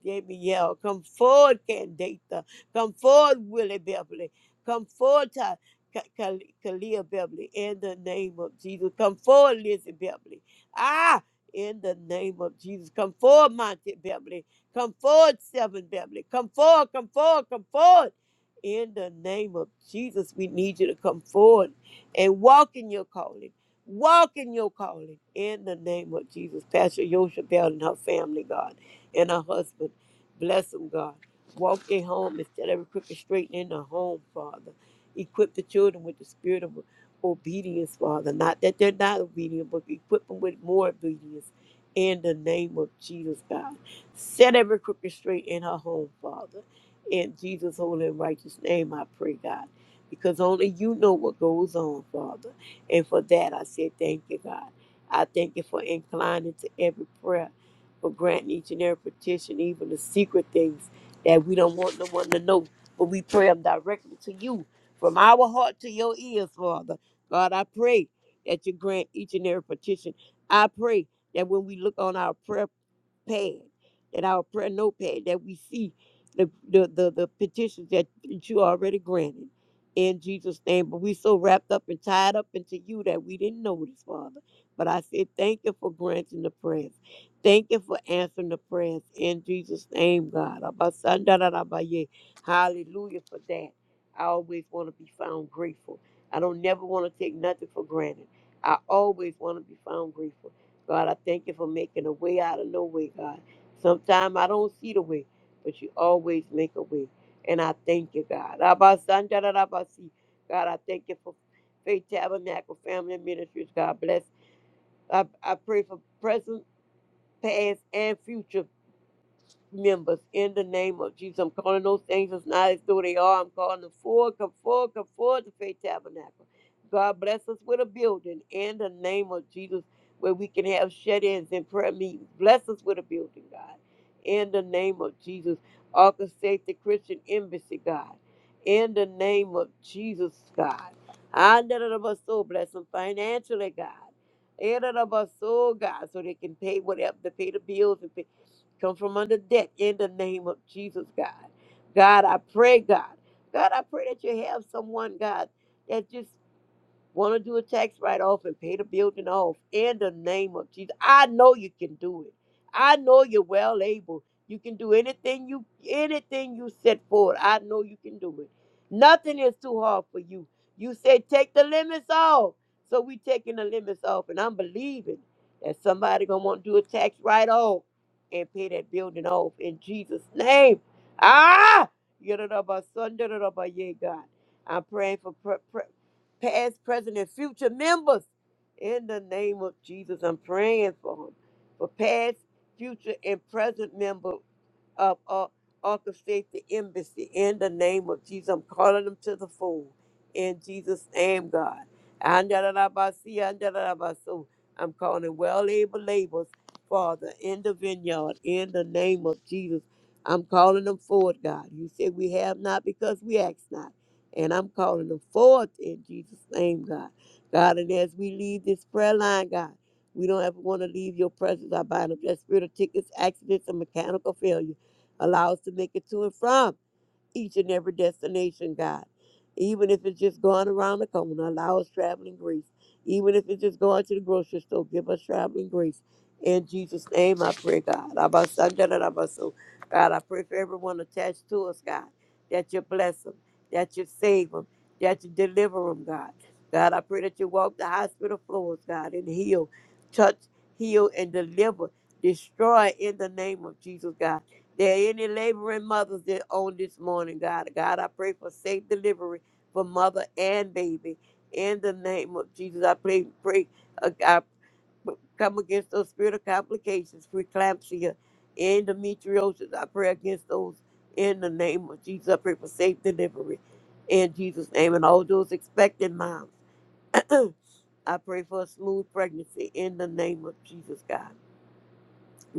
S2: JBL. Come forward, Candata. Come forward, Willie Beverly. Come forward, Ty- Ka- Ka- Kalia Beverly, in the name of Jesus. Come forward, Lizzie Beverly. Ah, in the name of Jesus. Come forward, Monty Beverly. Come forward, Seven Beverly. Come forward, come forward, come forward. In the name of Jesus, we need you to come forward and walk in your calling. Walk in your calling. In the name of Jesus, Pastor Yosha Bell and her family, God, and her husband. Bless them, God. Walk their home and Set every crooked straight in the home, Father. Equip the children with the spirit of obedience, Father. Not that they're not obedient, but equip them with more obedience. In the name of Jesus, God. Set every crooked straight in her home, Father. In Jesus' holy and righteous name, I pray, God. Because only you know what goes on, Father. And for that, I say thank you, God. I thank you for inclining to every prayer but grant each and every petition, even the secret things that we don't want no one to know. But we pray them directly to you, from our heart to your ears, Father. God, I pray that you grant each and every petition. I pray that when we look on our prayer pad, that our prayer notepad, that we see the, the, the, the petitions that you already granted in Jesus' name. But we so wrapped up and tied up into you that we didn't notice, Father. But I said, thank you for granting the prayers. Thank you for answering the prayers in Jesus' name, God. Abasandarabaye. Hallelujah for that. I always want to be found grateful. I don't never want to take nothing for granted. I always want to be found grateful. God, I thank you for making a way out of no way, God. Sometimes I don't see the way, but you always make a way. And I thank you, God. Abasandalabasi. God, I thank you for Faith Tabernacle Family Ministries. God bless. I, I pray for present, past, and future members in the name of Jesus. I'm calling those things as not as though they are. I'm calling them forward, come forward, come forward to Faith Tabernacle. God bless us with a building in the name of Jesus where we can have shut ins and prayer meetings. Bless us with a building, God, in the name of Jesus. Orchestrate the Christian Embassy, God, in the name of Jesus, God. I none of us so bless them financially, God. And of us so God, so they can pay whatever to pay the bills and pay. Come from under deck in the name of Jesus, God. God, I pray, God. God, I pray that you have someone, God, that just Want to do a tax write off and pay the building off in the name of Jesus. I know you can do it. I know you're well able. You can do anything you anything you set forward. I know you can do it. Nothing is too hard for you. You say take the limits off. So we taking the limits off and I'm believing that somebody gonna want to do a tax write off and pay that building off in Jesus' name. Ah! Yadadaba, sundadadaba, yeah, God. I'm praying for pre pre past, present, and future members. In the name of Jesus, I'm praying for them. For past, future, and present members up, or orchestrate the embassy in the name of Jesus. I'm calling them to the fold in Jesus' name, God. Andalabasi, andalabaso. I'm calling well able laborers, Father, in the vineyard in the name of Jesus. I'm calling them forward, God. You said we have not because we ask not. And I'm calling them forth in Jesus' name, God. God, and as we leave this prayer line, God, we don't ever want to leave your presence. I bind up that spirit of tickets, accidents, and mechanical failure. Allow us to make it to and from each and every destination, God. Even if it's just going around the corner, allow us traveling grace. Even if it's just going to the grocery store, give us traveling grace. In Jesus' name, I pray, God. Abasandarabaso. God, I pray for everyone attached to us, God, that you bless them, that you save them, that you deliver them, God. God, I pray that you walk the hospital floors, God, and heal, touch, heal, and deliver, destroy in the name of Jesus, God. There are any laboring mothers that on this morning, God. God, I pray for safe delivery for mother and baby. In the name of Jesus, I pray, pray, uh, I b- come against those spirit of complications, preeclampsia, endometriosis. I pray against those in the name of Jesus. I pray for safe delivery in Jesus' name. And all those expecting moms, I pray for a smooth pregnancy in the name of Jesus, God.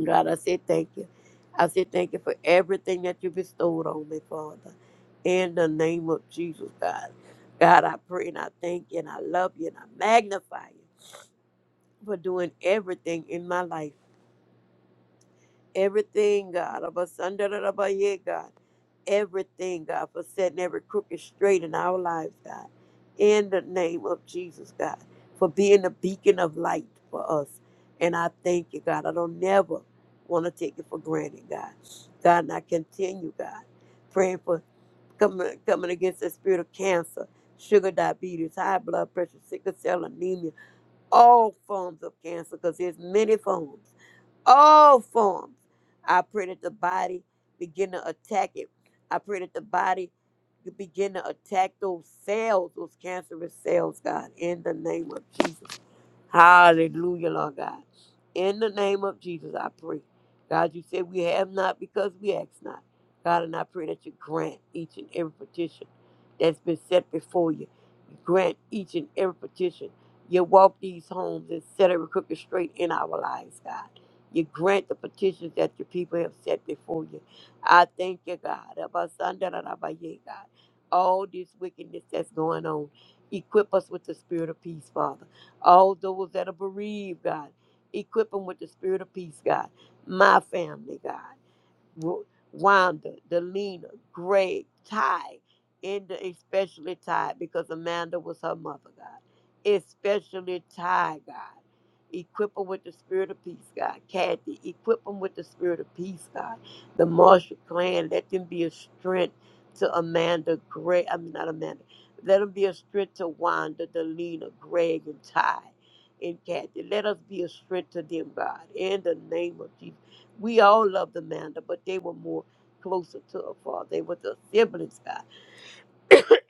S2: God, I say thank you. I say thank you for everything that you bestowed on me, Father. In the name of Jesus, God. God, I pray and I thank you and I love you and I magnify you for doing everything in my life. Everything, God. Abasandarabaye, God. Everything, God, for setting every crooked straight in our lives, God. In the name of Jesus, God, for being a beacon of light for us. And I thank you, God. I don't never want to take it for granted, God. God, and I continue, God, praying for coming, coming against the spirit of cancer, sugar diabetes, high blood pressure, sickle cell anemia, all forms of cancer, because there's many forms all forms. I pray that the body begin to attack it. I pray that the body begin to attack those cells, those cancerous cells, God, in the name of Jesus. Hallelujah, Lord God. In the name of Jesus, I pray. God, you said we have not because we ask not. God, and I pray that you grant each and every petition that's been set before you. Grant each and every petition. You walk these homes and set every crooked straight in our lives, God. You grant the petitions that your people have set before you. I thank you, God. Abasandarabaye, God. All this wickedness that's going on, equip us with the spirit of peace, Father. All those that are bereaved, God, equip them with the spirit of peace, God. My family, God. Ru- Wanda, Delina, Greg, Ty, and especially Ty, because Amanda was her mother, God. Especially Ty, God. Equip them with the spirit of peace, God. Kathy, equip them with the spirit of peace, God. The Marshall clan, let them be a strength to Amanda, Greg, I mean, not Amanda. Let them be a strength to Wanda, Delina, Greg, and Ty, and Kathy. Let us be a strength to them, God. In the name of Jesus. We all loved Amanda, but they were more closer to her father. They were the siblings, God.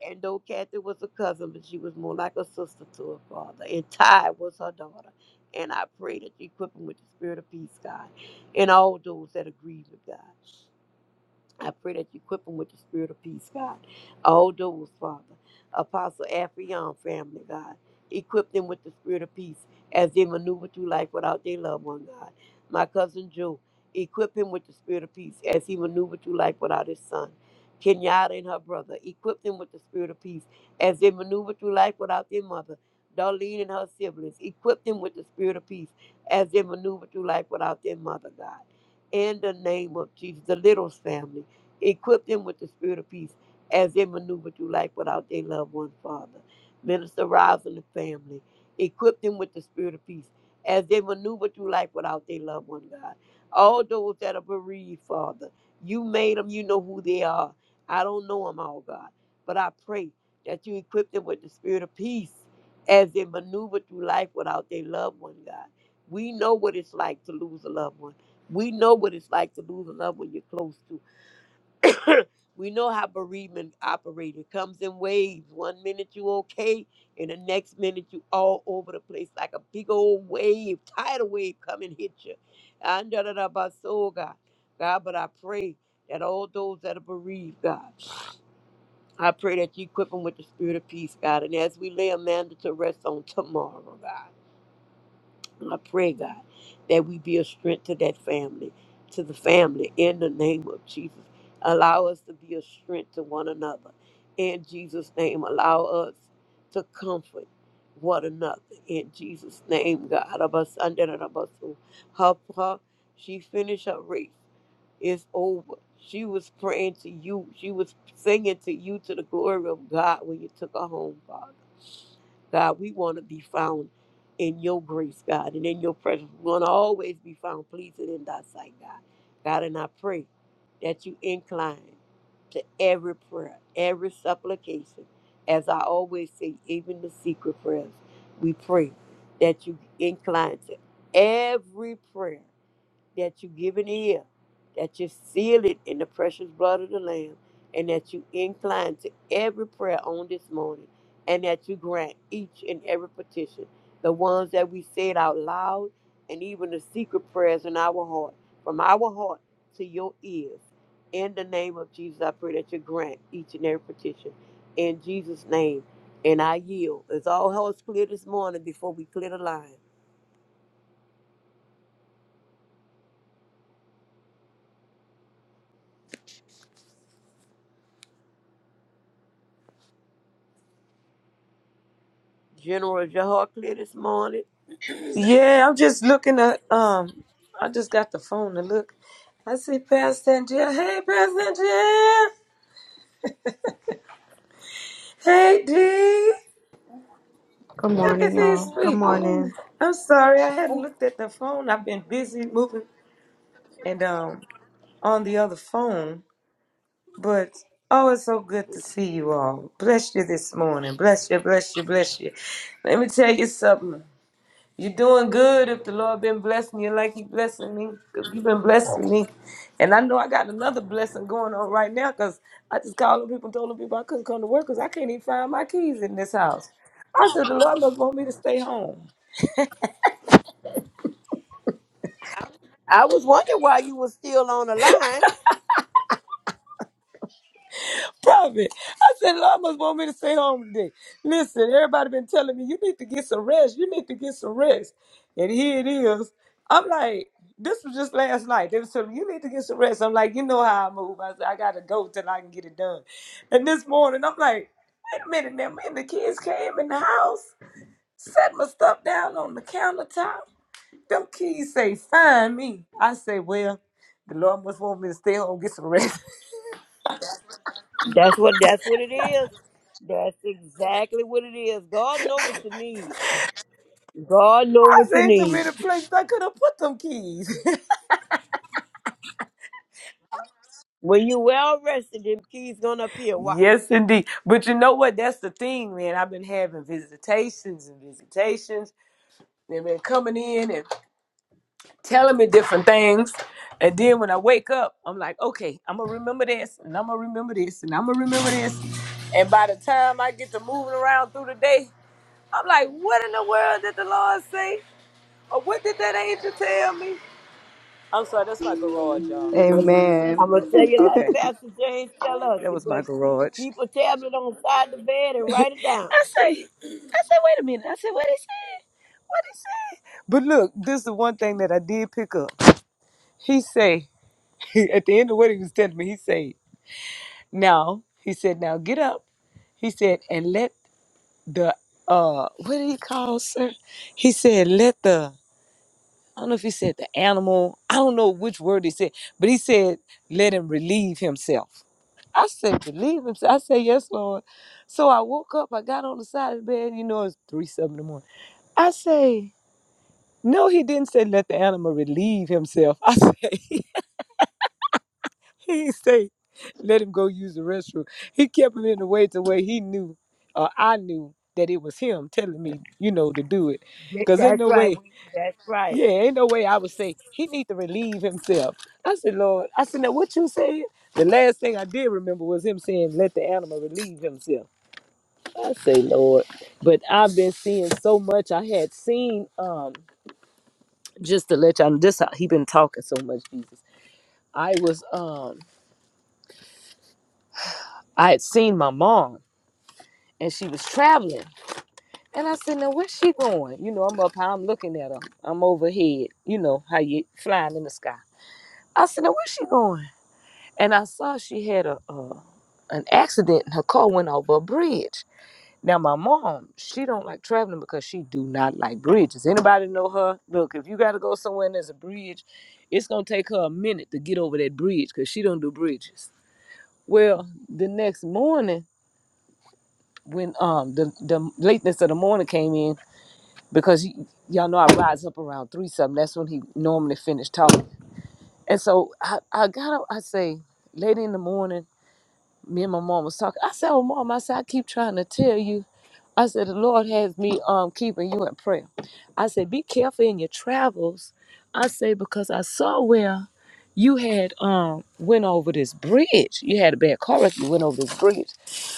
S2: And though Kathy was a cousin, but she was more like a sister to her father. And Ty was her daughter. And I pray that you equip them with the spirit of peace, God, and all those that agree with God. I pray that you equip them with the spirit of peace, God. All those, Father, Apostle Afrion family, God, equip them with the spirit of peace as they maneuver through life without their loved one, God. My cousin Joe, equip him with the spirit of peace as he maneuvered through life without his son. Kenyatta and her brother, equip them with the spirit of peace as they maneuver through life without their mother. Darlene and her siblings, equip them with the spirit of peace as they maneuver through life without their mother, God. In the name of Jesus, the Littles family Equip them with the spirit of peace as they maneuver through life without their loved one, Father. Minister Rise and the family. Equip them with the spirit of peace as they maneuver through life without their loved one, God. All those that are bereaved, Father, you made them, you know who they are. I don't know them all, God, but I pray that you equip them with the spirit of peace as they maneuver through life without their loved one, God. We know what it's like to lose a loved one. We know what it's like to lose a loved one you're close to. we know how bereavement operates. It comes in waves. One minute you okay, and the next minute you all over the place like a big old wave, tidal wave come and hit you. And da da da ba so God. God, but I pray that all those that are bereaved, God, I pray that you equip them with the spirit of peace, God. And as we lay Amanda to rest on tomorrow, God. I pray, God, that we be a strength to that family, to the family in the name of Jesus. Allow us to be a strength to one another. In Jesus' name, allow us to comfort one another. In Jesus' name, God. Abasandarabasu. Her, her, she finished her race. It's over. She was praying to you. She was singing to you to the glory of God when you took her home, Father. God, we want to be found in your grace, God, and in your presence. We want to always be found pleasing in thy sight, God. God, and I pray that you incline to every prayer, every supplication. As I always say, even the secret prayers, we pray that you incline to every prayer that you give an ear, that you seal it in the precious blood of the Lamb, and that you incline to every prayer on this morning, and that you grant each and every petition, the ones that we said out loud, and even the secret prayers in our heart, from our heart to your ears. In the name of Jesus, I pray that you grant each and every petition. In Jesus' name, and I yield. Is all hearts clear this morning before we clear the line? General, is your heart clear this morning?
S3: Yeah, I'm just looking at um I just got the phone to look. I see Pastor Angel. Hey Pastor Angel. Hey D.
S4: Good
S3: Look at
S4: morning,
S3: these
S4: y'all. Good
S3: people.
S4: morning.
S3: I'm sorry, I hadn't looked at the phone. I've been busy moving and um on the other phone, but oh it's so good to see you all. Bless you this morning. Bless you, bless you, bless you. Let me tell you something. You're doing good if the Lord been blessing you like He blessing me. You've been blessing me. And I know I got another blessing going on right now because I just called on people and told them people I couldn't come to work because I can't even find my keys in this house. I said, the Lord must want me to stay home.
S2: I was wondering why you were still on the line.
S3: Prophet. I said, Lord must want me to stay home today. Listen, everybody been telling me, you need to get some rest. You need to get some rest. And here it is. I'm like, this was just last night. They was telling me, you need to get some rest. I'm like, you know how I move. I said, I got to go till I can get it done. And this morning, I'm like, wait a minute now. Me and the kids came in the house, set my stuff down on the countertop. Them kids say, find me. I say, well, the Lord must want me to stay home, and get some rest.
S2: That's what that's what it is. That's exactly what it is. God know what you need. God know what you
S3: Ain't too
S2: need.
S3: many places I could have put them keys.
S2: When you well rested, them keys gonna appear. Watch.
S3: yes, indeed. But you know what? That's the thing, man. I've been having visitations and visitations. They've been coming in and telling me different things. And then when I wake up, I'm like, okay, I'm going to remember this, and I'm going to remember this, and I'm going to remember this. And by the time I get to moving around through the day, I'm like, what in the world did the Lord say? Or what did that angel tell me? I'm sorry, that's my garage, y'all.
S2: I'm gonna
S4: Amen.
S2: I'm gonna tell you like
S3: Okay,
S2: Pastor James tell us.
S3: that
S2: You
S3: was my
S2: better
S3: garage.
S2: keep a tablet on the side of the bed and write it down.
S3: I say, I say, wait a minute. I said, what he said? What he said? But look, this is the one thing that I did pick up. He say, at the end of what he was telling me, he said, now, he said, now get up. He said, and let the, uh, what did he call, sir? He said, let the, I don't know if he said the animal. I don't know which word he said, but he said, let him relieve himself. I said, relieve himself. I said, yes, Lord. So I woke up, I got on the side of the bed, you know, it's three something in the morning. I say, no, he didn't say let the animal relieve himself. I say, he didn't say let him go use the restroom. He kept him in the way to where he knew, or I knew that it was him telling me, you know, to do it.
S2: That-
S3: Cause ain't
S2: That's
S3: no
S2: right.
S3: way.
S2: we- That's right.
S3: Yeah, ain't no way I would say he need to relieve himself. I said, Lord, I said, now what you said? The last thing I did remember was him saying, let the animal relieve himself. I say, Lord, but I've been seeing so much. I had seen, um, just to let y'all know, this how he been talking so much, Jesus. I was, um, I had seen my mom and she was traveling. And I said, now where's she going? You know, I'm up high, I'm looking at her. I'm overhead, you know, how you flying in the sky. I said, now where's she going? and I saw she had a, a an accident and her car went over a bridge. Now my mom, she don't like traveling because she do not like bridges. Anybody know her? Look, if you gotta go somewhere and there's a bridge, it's gonna take her a minute to get over that bridge because she don't do bridges. Well, the next morning when um the, the lateness of the morning came in because y- y'all know I rise up around three something. That's when he normally finished talking. And so I, I got up. I say, late in the morning. me and my mom was talking. I said, "Well, mom, I said I keep trying to tell you. I said the Lord has me um keeping you in prayer. I said be careful in your travels. I say because I saw where you had um went over this bridge. You had a bad car wreck. You went over this bridge.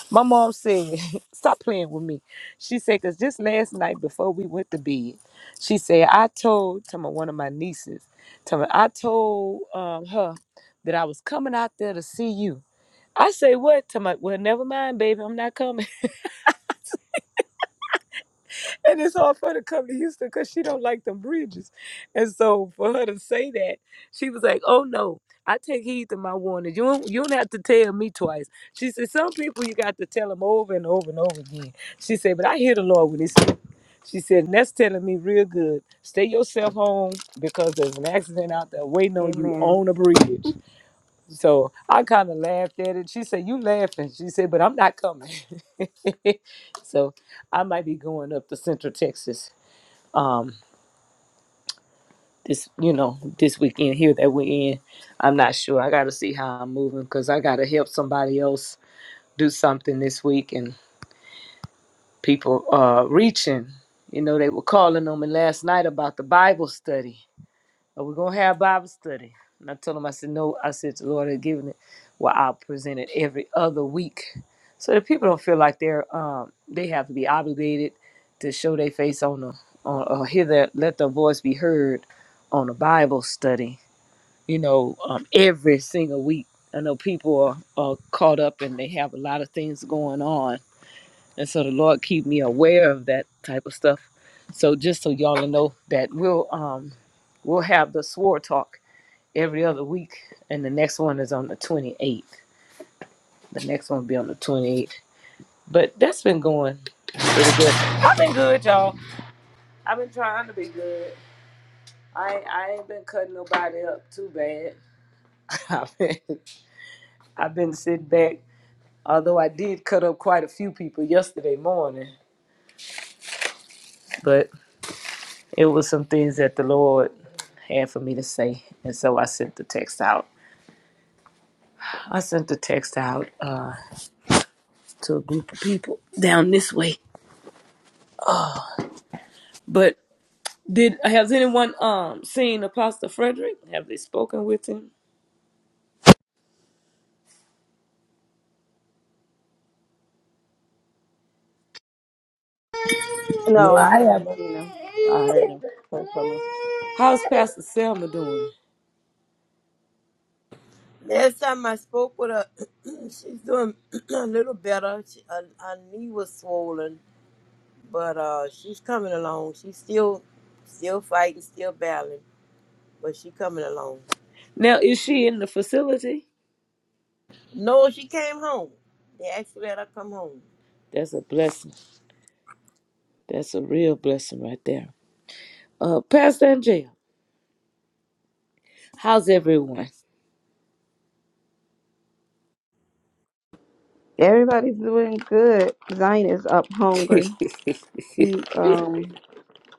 S3: My mom said, "Stop playing with me." She said, "Cause just last night before we went to bed, she said I told to my one of my nieces, to my, I told um her." That I was coming out there to see you. I say what to my well, never mind, baby, I'm not coming. And it's hard for her to come to Houston because she don't like them bridges. And so for her to say that, she was like, Oh no, I take heed to my warning. You don't you don't have to tell me twice. She said, Some people you got to tell them over and over and over again. She said, But I hear the Lord when he speaks. She said, and that's telling me real good. Stay yourself home because there's an accident out there waiting on you
S4: Amen.
S3: on a bridge. So I kind of laughed at it. She said, "You laughing?" She said, "But I'm not coming." so I might be going up to Central Texas. Um, this you know this weekend here that we're in. I'm not sure. I got to see how I'm moving because I got to help somebody else do something this week and people uh reaching. You know they were calling on me last night about the Bible study. But we gonna have Bible study. And I told him, I said, no, I said the Lord had given it where I'll present it every other week. So that people don't feel like they're um they have to be obligated to show their face on the on or hear their let their voice be heard on a Bible study, you know, um every single week. I know people are, are caught up and they have a lot of things going on. And so the Lord keep me aware of that type of stuff. So just so y'all know that we'll um we'll have the swore talk every other week, and the next one is on the 28th. The next one will be on the 28th. But that's been going pretty good. I've been good, y'all. I've been trying to be good. I I ain't been cutting nobody up too bad. I've been I've been sitting back. Although I did cut up quite a few people yesterday morning, but it was some things that the Lord had for me to say, and so I sent the text out. I sent the text out uh, to a group of people down this way, but Did has anyone um seen Apostle Frederick? Have they spoken with him?
S4: No,
S2: No,
S4: I
S2: I
S4: haven't
S2: haven't.
S4: seen him. I heard him. Heard from him.
S3: How's Pastor Selma doing?
S2: Last time I spoke with her, she's doing a little better. She, her, her knee was swollen but uh, she's coming along. She's still, still fighting, still battling, but she coming along.
S3: Now is she in the facility?
S2: No, she came home. They actually let her come home.
S3: That's a blessing. That's a real blessing right there. Uh Pastor Angel, how's everyone?
S4: Everybody's doing good. Zion is up
S3: oh
S4: hungry. He um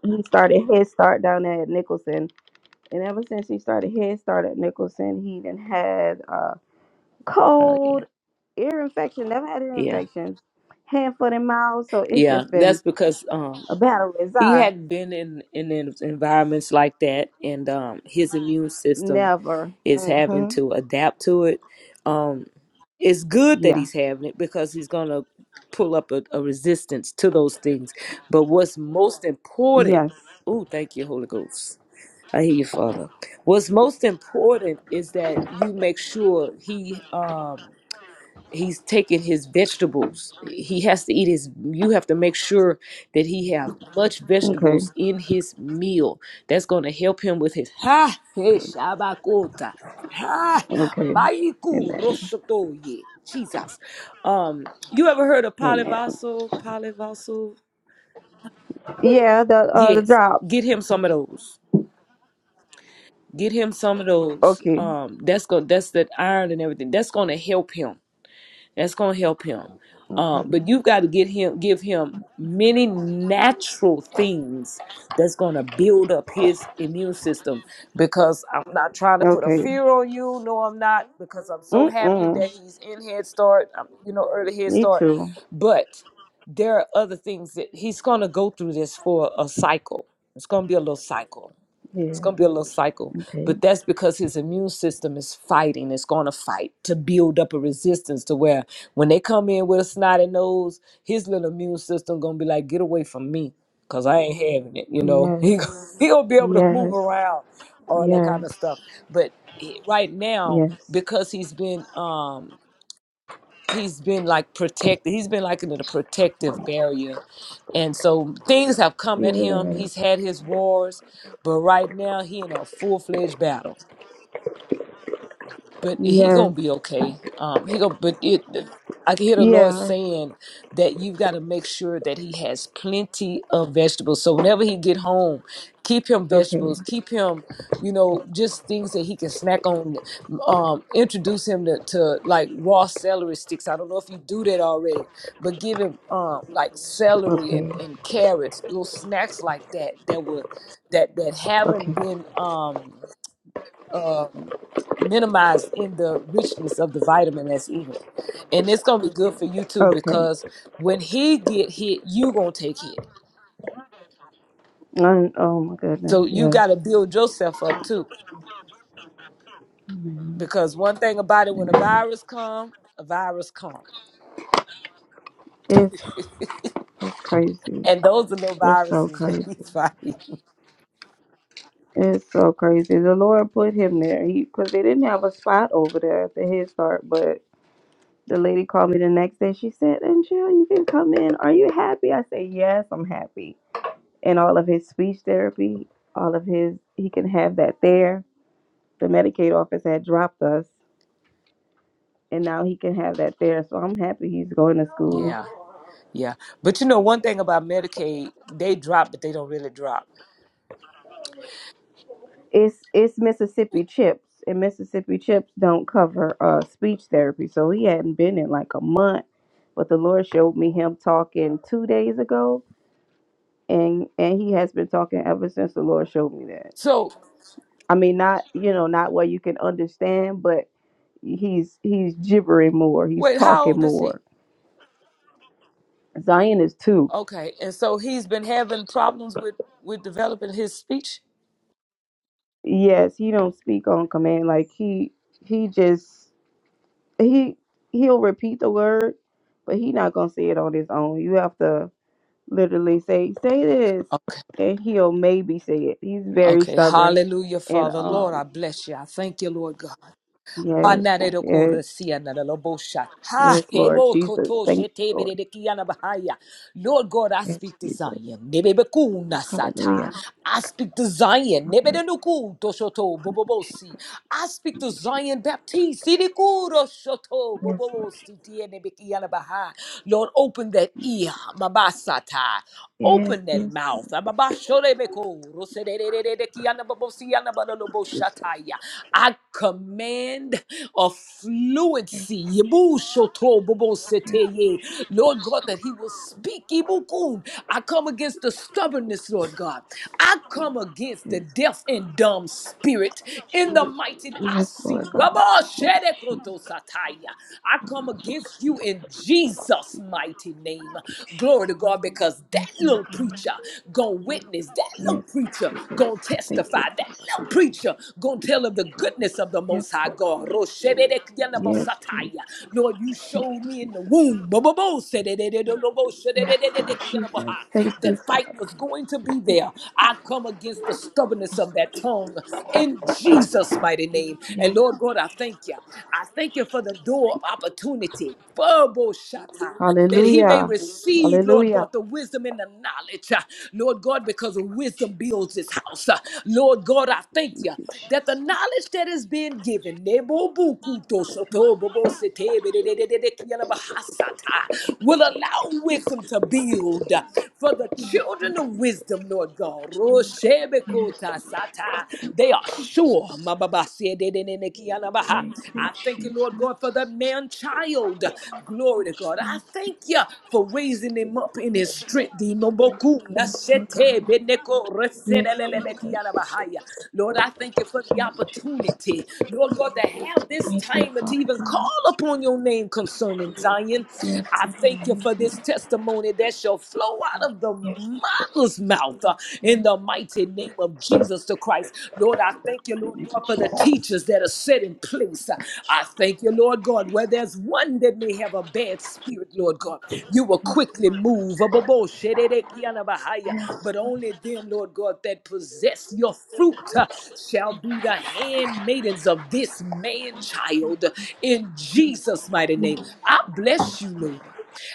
S4: he started Head Start down there at Nicholson, and ever since he started Head Start at Nicholson, he done had uh
S3: yeah.
S4: cold, ear infection. Never had ear
S3: Yeah.
S4: infections, hand, foot, and mouth. So it's
S3: Yeah.
S4: just been
S3: That's because um
S4: a battle with
S3: he
S4: Zion.
S3: hadn't been in in en- environments like that and um his immune system
S4: Never.
S3: is
S4: Mm-hmm.
S3: having to adapt to it. Um, it's good that
S4: Yeah.
S3: he's having it because he's going to pull up a, a resistance to those things. But what's most important,
S4: Yes.
S3: oh, thank you, Holy Ghost. I hear you, Father. What's most important is that you make sure he um he's taking his vegetables he has to eat his you have to make sure that he have much
S4: Okay.
S3: vegetables in his meal that's going to help him with his ha he shabakota ha
S4: Okay.
S3: maiku
S4: Amen.
S3: roshotoye jesus um you ever heard of
S4: Amen.
S3: polyvaso polyvaso
S4: Yeah, the uh the
S3: yes
S4: drops.
S3: get him some of those get him some of those
S4: Okay.
S3: um that's going that's that iron and everything that's going to help him That's gonna help him. Uh,
S4: Okay.
S3: but you've got to get him, give him many natural things that's gonna build up his immune system. Because I'm not trying to put a
S4: Okay.
S3: fear on you. No, I'm not. Because I'm so happy
S4: Mm-mm.
S3: that he's in Head Start. um, You know, early Head
S4: Me
S3: Start.
S4: too.
S3: But there are other things that he's gonna go through this for a cycle. It's gonna be a little cycle it's
S4: Yeah.
S3: going to be a little cycle,
S4: Okay.
S3: but that's because his immune system is fighting. It's going to fight to build up a resistance to where when they come in with a snotty nose, his little immune system going to be like, get away from me because I ain't having it. You know,
S4: Yes.
S3: he, he going to be able to move
S4: Yes.
S3: around, all that kind of stuff.
S4: Yes.
S3: But he- right now,
S4: Yes.
S3: because he's been, um, he's been like protected. He's been like in a protective barrier. And so things have come at him.
S4: Feel it.
S3: He's had his wars, but right now he in a full-fledged battle but he gonna
S4: Yes.
S3: be okay. Um, he go, but it. I can hear the Lord
S4: Yeah.
S3: saying that you've got to make sure that he has plenty of vegetables. So whenever he get home, keep him
S4: Okay.
S3: vegetables, keep him, you know, just things that he can snack on. Um, introduce him to, to like raw celery sticks. I don't know if you do that already, but give him um like celery and,
S4: Okay.
S3: and carrots, little snacks like that that were that that
S4: Okay.
S3: haven't been um um, minimized in the richness of the vitamin that's in it. And it's gonna be good for you too
S4: Okay.
S3: because when he get hit, you gonna take hit.
S4: And, oh my
S3: So
S4: goodness.
S3: you
S4: Yes.
S3: gotta build yourself up too.
S4: Amen.
S3: Because one thing about it, when a
S4: Amen.
S3: virus come, a virus come.
S4: It's, it's crazy.
S3: And those are little
S4: It's so
S3: viruses that
S4: crazy.
S3: he's fighting.
S4: It's so crazy. The Lord put him there because they didn't have a spot over there at the Head Start. But the lady called me the next day. She said, "And Jill, you can come in. Are you happy?" I said, "Yes, I'm happy." And all of his speech therapy, all of his, he can have that there. The Medicaid office had dropped us, and now he can have that there. So I'm happy he's going to school.
S3: Yeah, yeah. But you know, one thing about Medicaid, they drop, but they don't really drop.
S4: it's it's Mississippi chips, and Mississippi chips don't cover uh speech therapy. So he hadn't been in like a month, but the Lord showed me him talking two days ago, and and he has been talking ever since the Lord showed me that.
S3: So
S4: I mean, not you know, not where you can understand, but he's he's gibbering more, he's
S3: wait, how
S4: talking
S3: old is he?
S4: more. Zion is too.
S3: Okay, and so he's been having problems with with developing his speech.
S4: Yes, he don't speak on command. Like he he just he he'll repeat the word, but he not gonna say it on his own. You have to literally say say this,
S3: Okay.
S4: and he'll maybe say it. He's very
S3: Okay,
S4: stubborn,
S3: hallelujah,
S4: and
S3: Father. Lord, I
S4: um
S3: bless you. I thank you, Lord God.
S4: yes, yes,
S3: Hanarerokoresianarabosha. Ha,
S4: yes, Lord Jesus, thank you, Lord,
S3: hebokotosheteberedekianabahaya. Lord God, I
S4: yes,
S3: speak to
S4: Jesus,
S3: Zion. Nebebekunasata.
S4: Hallelujah,
S3: I speak to Zion.
S4: Hallelujah.
S3: Nebedenukutoshotobobobosi. I speak
S4: Thank
S3: to
S4: you, Jesus.
S3: Zion Baptist. Sirikuro shoto
S4: Yes,
S3: bobobo
S4: Lord.
S3: sitiye nebekiya na baha. Lord, open that ear, Mabasata.
S4: Yes,
S3: Open that
S4: yes,
S3: mouth.
S4: Lord
S3: Ababashorebeko,
S4: Jesus.
S3: rosededededekiyanababosikiyanabaloloboshataya. I command a
S4: Yes,
S3: fluency. Yebushotoboboseteye. Lord God, that He will speak. Ibukun. I come against the stubbornness, Lord God. I come against the
S4: yes,
S3: deaf and dumb spirit in the mighty. I
S4: yes, Lord
S3: see.
S4: God. Thank
S3: Rabasherekotosataya. I come against you in Jesus' mighty name.
S4: you, Jesus.
S3: Glory to God, because that
S4: Yes, Lord
S3: little
S4: God.
S3: preacher gonna witness, that little
S4: Yes, Lord
S3: preacher
S4: Jesus.
S3: gonna
S4: Thank
S3: testify,
S4: you,
S3: that
S4: Father.
S3: little preacher gonna tell of the goodness of the
S4: Yes,
S3: Most High
S4: Lord.
S3: God.
S4: Yes, Jesus.
S3: Roshedekyanabosataya. Lord, you
S4: Thank you,
S3: showed me in the
S4: Jesus.
S3: womb
S4: Yes, Lord
S3: Bobobosededededoboshedededededekianabaha,
S4: Jesus. Thank you,
S3: that fight
S4: Father.
S3: was going to be
S4: Thank
S3: there.
S4: you.
S3: I come against the stubbornness of that tongue in Jesus' mighty name. And
S4: Yes.
S3: Lord God, I thank you. I thank you for the door of opportunity. Furbo shata, That he may
S4: Hallelujah.
S3: receive, Lord
S4: Hallelujah.
S3: God, the wisdom and the knowledge. uh, Lord God, because wisdom builds his house. uh, Lord God, I thank
S4: Thank
S3: you
S4: you, Jesus.
S3: that the knowledge that is being given, nebo bukuto soto bobo sete bedededede kiana bahasata, will allow wisdom to build uh, for the children of wisdom, Lord God.
S4: Yes.
S3: Roshebekota sata. They are sure. I
S4: Thank you,
S3: thank you,
S4: Jesus.
S3: Lord God, for the man child. Glory to God. I
S4: Yes,
S3: thank you for raising him up in
S4: Lord
S3: his
S4: Jesus.
S3: strength. Lord, I
S4: Yes, Lord
S3: thank
S4: God. Yes, Jesus.
S3: you for the
S4: Yes, Jesus.
S3: opportunity, Lord God, to have this
S4: Thank you,
S3: time to
S4: Father
S3: even call
S4: God.
S3: upon your name concerning Zion.
S4: Yes,
S3: I
S4: Lord
S3: thank you for this
S4: Jesus.
S3: testimony that shall flow out of the
S4: Yes, Jesus.
S3: mother's mouth uh,
S4: Yes,
S3: in the mighty name of Jesus the Christ. Lord, I thank thank you,
S4: Lord
S3: Lord God, for the
S4: Jesus.
S3: teachers that are set in place. I thank you, Lord God, where there's one that may have a bad spirit, Lord God. You will quickly move. But
S4: Yes,
S3: only them, Lord God, that possess your fruit uh, shall be the handmaidens of this man child in Jesus' mighty name. I bless you, Lord.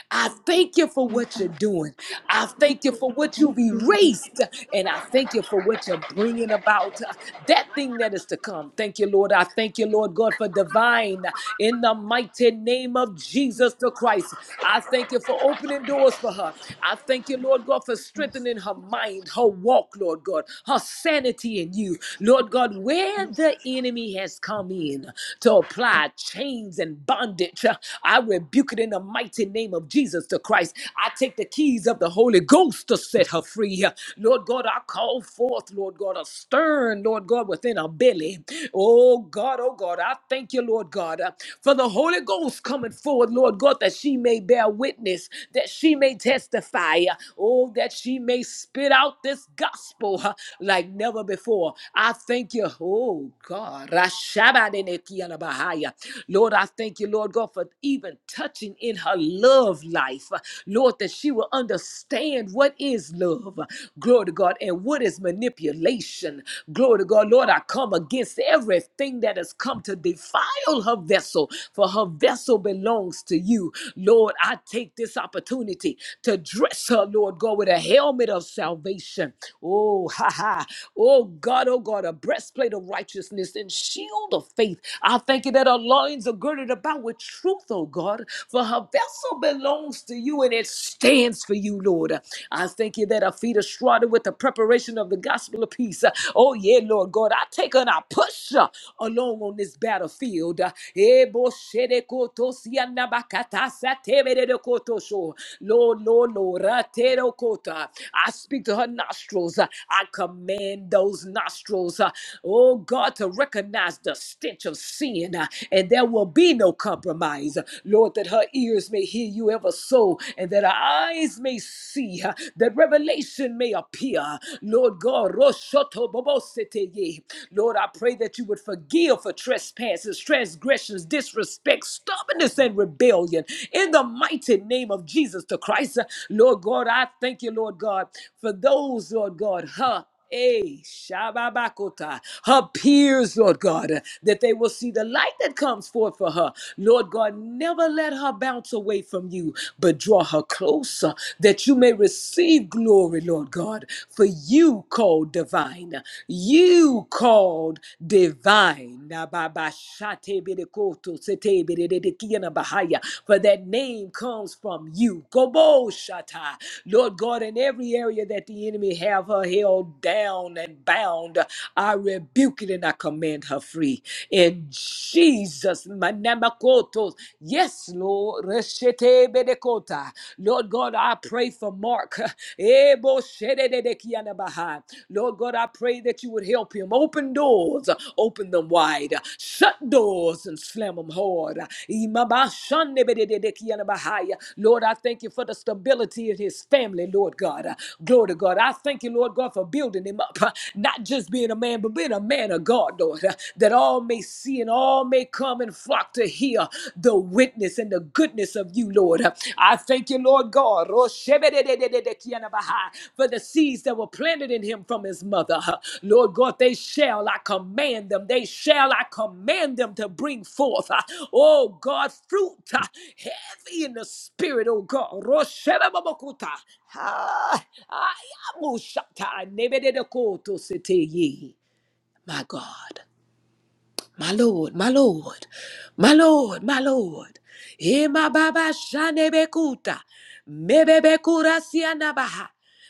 S3: I thank you for
S4: Jesus.
S3: what you're doing. I thank you for what
S4: Thank
S3: you've
S4: you, Lord
S3: erased. And I thank you for what you're bringing about. uh, That thing that is to come. Thank you, Lord. I thank you, Lord God, for divine. In the mighty name of Jesus the Christ, I thank you for opening doors for her. I thank you, Lord God, for strengthening her mind, her walk, Lord God, her sanity in you. Lord God, where the enemy has come in to apply chains and bondage, uh, I rebuke rebuke it in the mighty name of Jesus the Christ. I take the keys of the Holy Ghost to set her free. Lord God, I call forth, Lord God, a stern, Lord God, within her belly. Oh God, oh God, I thank you, Lord God, uh, for the Holy Ghost coming forward, Lord God, that she may bear witness, that she may testify, uh, oh, that she may spit out this gospel uh, like never before. I thank you, oh God. Rashabadinekianabahaya. Lord, I thank you, Lord God, for for even touching in her love life. Lord, that she will understand what is love. Glory to God. And what is manipulation. Glory to God. Lord, I come against everything that has come to defile her vessel, for her vessel belongs to you. Lord, I take this opportunity to dress her, Lord God, with a helmet of salvation. Oh, ha ha. Oh, God, oh, God, a breastplate of righteousness and shield of faith. I thank you that her loins are girded girded about with truth, oh God, for her vessel belongs to you and it stands for you, Lord. I thank you that her feet are shrouded with the preparation of the gospel of peace. Oh, yeah, Lord God, I take her and I push her along on this battlefield. Eh, bo shere koto siana bakata sa tebere de koto sho. Lord, Lord, Lord, ra te ro kota. I speak to her nostrils. I command those nostrils, uh, oh God, to recognize the stench of sin and there will be no compromise. Lord, that her ears may hear you ever so, and that her eyes may see, uh, that revelation may appear. Lord God, Roshoto Boboseteye. Lord, I pray that you would forgive for trespasses, transgressions, disrespect, stubbornness, and rebellion. In the mighty name of Jesus the Christ, uh, Lord God, I thank you, Lord God, for those, Lord God, huh? Hey, Shababakota, her peers, Lord God, uh, that they will see the light that comes forth for her. Lord God, never let her bounce away from you, but draw her closer that you may receive glory, Lord God, for you called divine. You called divine. Nababashatebedekotosete- Bahaya for that name comes from you. Kobo Shatai. Lord God, in every area that the enemy have her held down and bound, I rebuke it and I command her free. In Jesus, manamakotos. Yes, Lord. Reshete bedekota. Lord God, I pray for Mark. Ebo shedede kianabaha. Lord God, I pray pray that you would help him. Open doors, uh, open them wide. Shut doors and slam them hard. Lord, I thank you for the stability in his family, Lord God. Uh, Glory to God. I thank you, Lord God, for building him up. Uh, Not just being a man, but being a man of God, Lord, uh, that all may see and all may come and flock to hear the witness and the goodness of you you, Lord. I thank you, Lord God, Roshebededededekiyanabaha, for the seeds that were planted in him from his mother. Lord God, they shall, I command them, they shall, I command them to bring forth, uh, oh God, fruit uh, heavy in the spirit, oh God. Roshebebabakuta. Ah, ayamushata, nebededekotositeye. My God. My Lord, my Lord, my Lord, my Lord. Ema baba shanebekuta. Mebebekura sianabaha.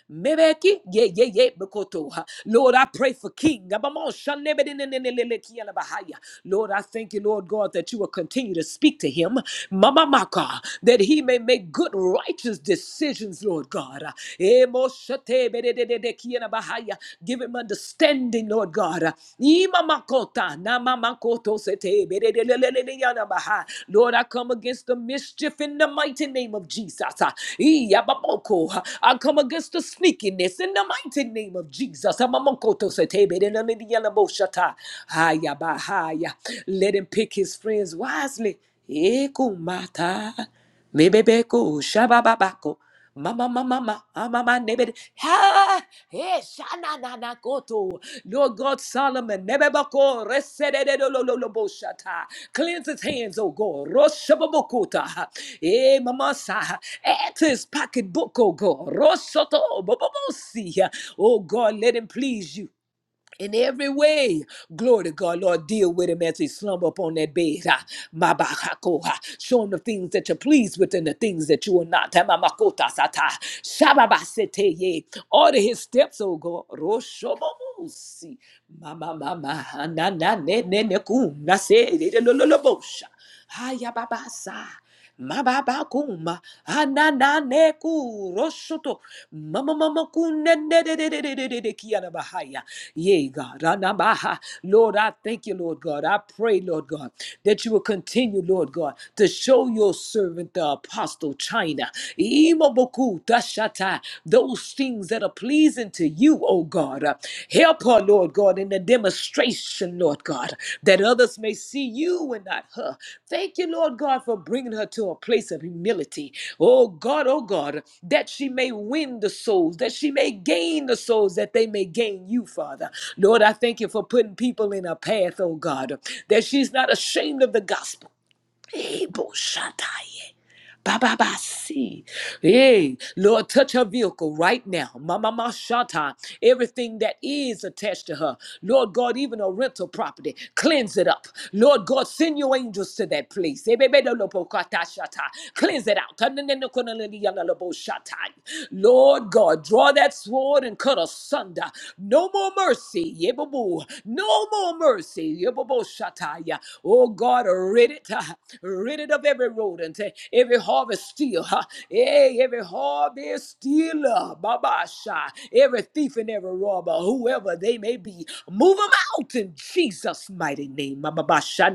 S3: Mebeki, ye, ye, ye, bekoto. Lord, I pray for King. Abamon shanebedinenenenelekianabahaya. Lord, I thank you, Lord God, that you will continue to speak to him, Mama Maka, that he may make good, righteous decisions, Lord God. Emo shatebedinenenelekianabahaya. Give him understanding, Lord God. Ima makota, Lord, I come against the mischief in the mighty name of Jesus. Ah, I come against the sneakiness in the mighty name of Jesus. Let him pick his friends wisely. Mebebeku, shabababako. Mama, mama, mama, mama, nebede. Ha! Eh, shana, na, na, koto. Lord God Solomon, nebebako, resedede, lo, lo, lo, lo, bo, shata. cleanse his hands, oh God. Roshababokota. Eh, mama, sa. Add to his pocketbook, oh God. Rosoto, bobobosi. Oh God, let him please you in every way. Glory to God, Lord, deal with him as he slumber upon that bed. Ah, ma ba ha ko ha. Show him the things that you're pleased with and the things that you are not. Ah, ma ma ko ta sa ta. Sha ba ba se te ye. Order his steps, oh God. Ro sho mo mo si. Ma ma ma ma ha na na ne ne ne ku na se de de lo lo lo bo sha. Ha ya ba ba sa. Mababakuma, anananeku, rosoto, mamamakunenededededededekiyarabahaya. Yea, God, anabaha. Lord, I thank you, Lord God. I pray, Lord God, that you will continue, Lord God, to show your servant, the apostle China, Imoboku, dashata, those things that are pleasing to you, oh Oh God, uh, help her, Lord God, in the demonstration, Lord God, that others may see you and not her. Thank you, Lord God, for bringing her to a place of humility. Oh God, oh God, that she may win the souls, that she may gain the souls, that they may gain you, Father. Lord, I thank you for putting people in her path, oh God, that she's not ashamed of the gospel. Ebo Shaddai. Ba ba ba see. Hey, Lord, touch her vehicle right now. Mama Mashata. Everything that is attached to her. Lord God, even a rental property. Cleanse it up. Lord God, send your angels to that place. Ebebedolopokatashata. Cleanse it out. Tanenenokoneleliyalaloboshata. Lord God, draw that sword and cut asunder. No more mercy. Yebabu. No more your mercy, Yeboboshataya. Oh God, rid it, uh, rid it of every rodent, uh, every harvest steal, uh, eh, every harvest stealer, Babasha, every thief and every robber, whoever they may be, move them out in Jesus' mighty name. Babasha,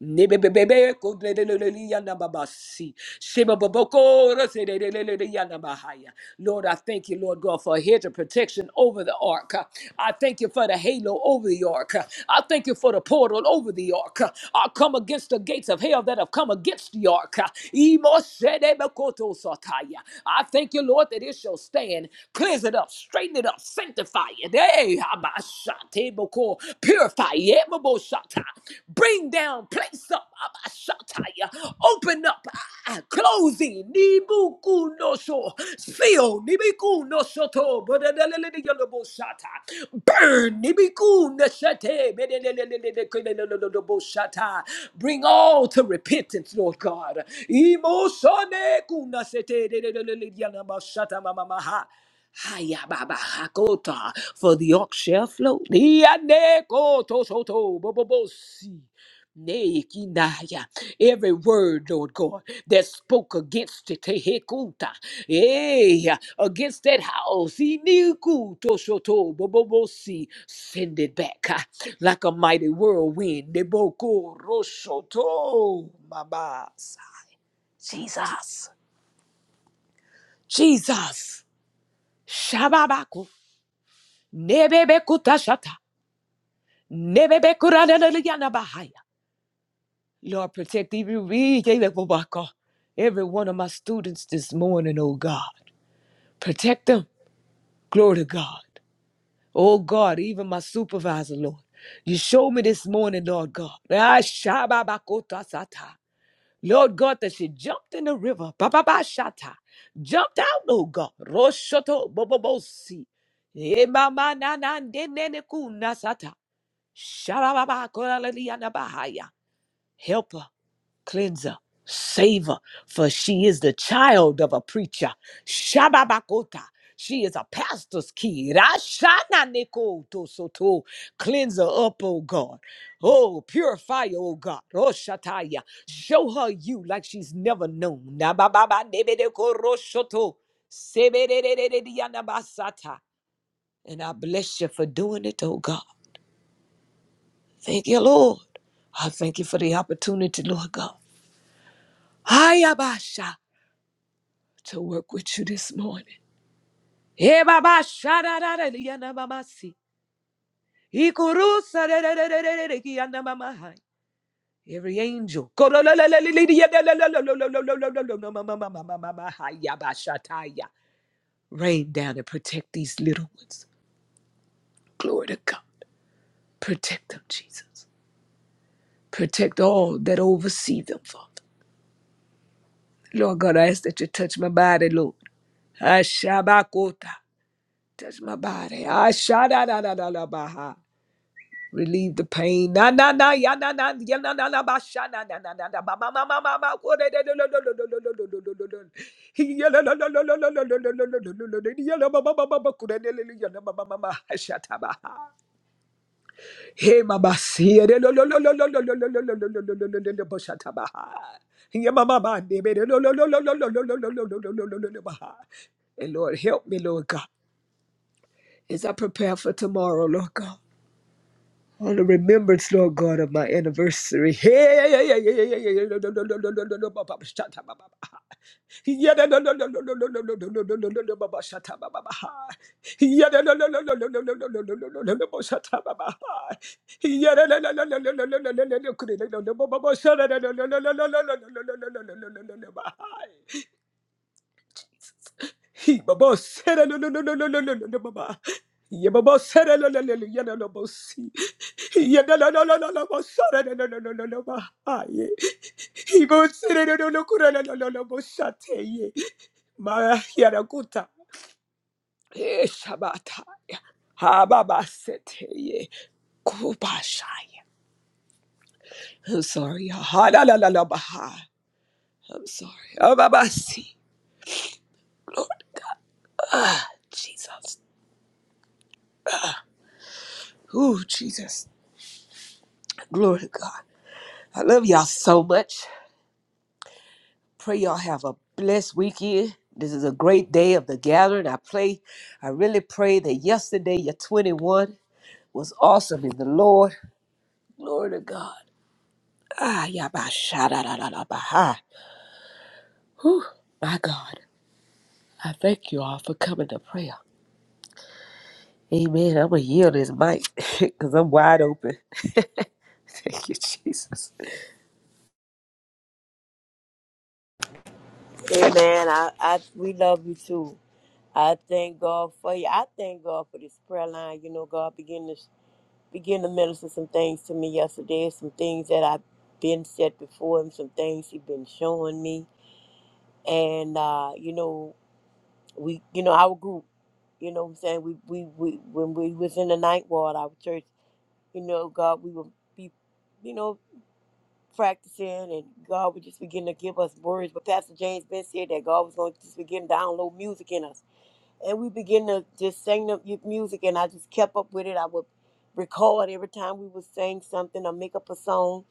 S3: Nebebebebe kodelelelele yanda babasi. Shebababoko roselelelele yanda bahaya. Lord, I thank you, Lord God, for a hedge of protection over the ark. I thank you for the halo over the ark. I thank you for the portal over the ark. I come against the gates of hell that have come against the ark. Imoshedebekoto sataya. I thank you, Lord, that it shall stand. Cleanse it up, straighten it up, sanctify it. Hey, Table, call purify. Ye mo bo shatta. Bring down, place up. Ah shatta. Open up, closing. Nibukuno so. Fill. Nibukuno soto. Bo da da da da da da da da bo shatta. Burn. Nibukun a sete. Bo da da da da da da da da bo shatta. Bring all to repentance, Lord God. Imosone kun a sete. Da da da da da da da da bo shatta. Mamma ha. Haya baba Hakota, for the Yorkshire ox shall float. Dianekotosoto bobobosi. Nekinaya. Every word, Lord God, that spoke against it, tehekuta, eh, against that house, inikutosoto bobobosi. send it back ah, like a mighty whirlwind. Nebokorosoto mabasa. Jesus, Jesus, Shabbat. Nebebe kutashata. Nebebe kurananayana bahaya. Lord, protect even me, every one of my students this morning, oh God. Protect them. Glory to God. Oh God, even my supervisor, Lord. You showed me this morning, Lord God. Ah, shababakotasata. Lord God, that she jumped in the river. Bababa shata. Jumped out, oh God. Roshoto bobobosi. Emama nanandenene kunasata. Sha-ra-ba-ba-ko-la-la-li-ya-na-ba-ha-ya. Helper, cleanser, saver, for she is the child of a preacher. Shababakota. She is a pastor's kid. ashana neko to so Cleanse her up, O God. Oh, purify her, oh God. Roshataya, Show her you like she's never known. na ba ba ba ne de ko ro shoto Sebe-de-de-de-de-de-ya-na-ba-sata. And I bless you for doing it, O God. Thank you, Lord. I thank you for the opportunity, Lord God. I abasha to work with you this morning. Every angel, rain down and protect these little ones. Glory to God. Protect them, Jesus. Protect all that oversee them, Father. Lord God, I ask that you touch my body, Lord. Ashabakota. Touch my body. Ashadadadadabaha. Relieve the pain. Na na na ya na na ya na na na ba sha na na na na na ba ma ma ma ma ma ko de de lo lo lo lo lo lo lo lo lo lo lo. He ya lo lo lo lo lo lo lo lo lo lo lo lo lo lo. He Ya lo ba ba ba ba ba ko de de lo lo ya na ba ba ba ba. Ashatabaha. Hey, Mama, see it. Lo- lo- lo- lo- lo- lo- lo- lo- lo- lo- lo- lo- lo- lo- lo- Boshata Baha. Yeah, Mama, Mama, baby. Lo- lo- lo- lo- lo- lo- lo- lo- lo- lo- lo- lo- lo- lo- lo- Baha. And Lord, help me, Lord God, as I prepare for tomorrow, Lord God. On the remembrance, Lord God, of my anniversary. Hey, yeah, yeah, yeah, yeah, yeah, yeah, yeah, no, no, no, no, no, no, no, no, Baba, shut up, Baba. Yeah, no, no, no, no, no, no, no, no, no, no, no, no, no, no, Baba, shut up, Baba. Yeah, no, no, no, no, no, no, no, no, no, no, no, no, no, no, no, shut up, Baba. Yeah, no, no, no, no, no, no, no, no, no, no, no, no, no, no, no, no, Baba, shut up, no, no, no, no, no, no, no, no, no, no, no, no, no, no, no, no, no, no, Baba. He baba sera no no no no no no no no no baba. Ye baba sera no no no no no yeah, no no si. Ye no no no no no no no sera no no no no no no ba. Aye. He baba sera no no no no, kura no no no no no ye. Ma ya na kuta. Eh shabata. Ha baba sete ye. Kuba shaya. I'm sorry. Ha la la la la ba ha. I'm sorry. Oh baba si. Lord Jesus. Ooh Jesus. Glory to God. I love y'all so much. Pray y'all have a blessed weekend. This is a great day of the gathering. I play, I really pray that yesterday, your 21, was awesome in the Lord. Glory to God. Ah, yabba, shada, da, da, da, ba, ha. Whew, my God. I thank you all for coming to prayer. Amen. I'm going to yield this mic because I'm wide open. thank you, Jesus.
S2: Amen. I, I, we love you too. I thank God for you. I thank God for this prayer line. You know, God began to begin to minister some things to me yesterday. Some things that I've been set before Him. Some things He's been showing me. And uh, you know, we, you know, our group. You know, what I'm saying we, we, we when we was in the night ward, our church. you know, God, we will be, you know, practicing and God would just begin to give us words. But Pastor James Ben said that God was going to just begin to download music in us. And we begin to just sing the mu- music and I just kept up with it. I would record every time we would sing something or make up a song.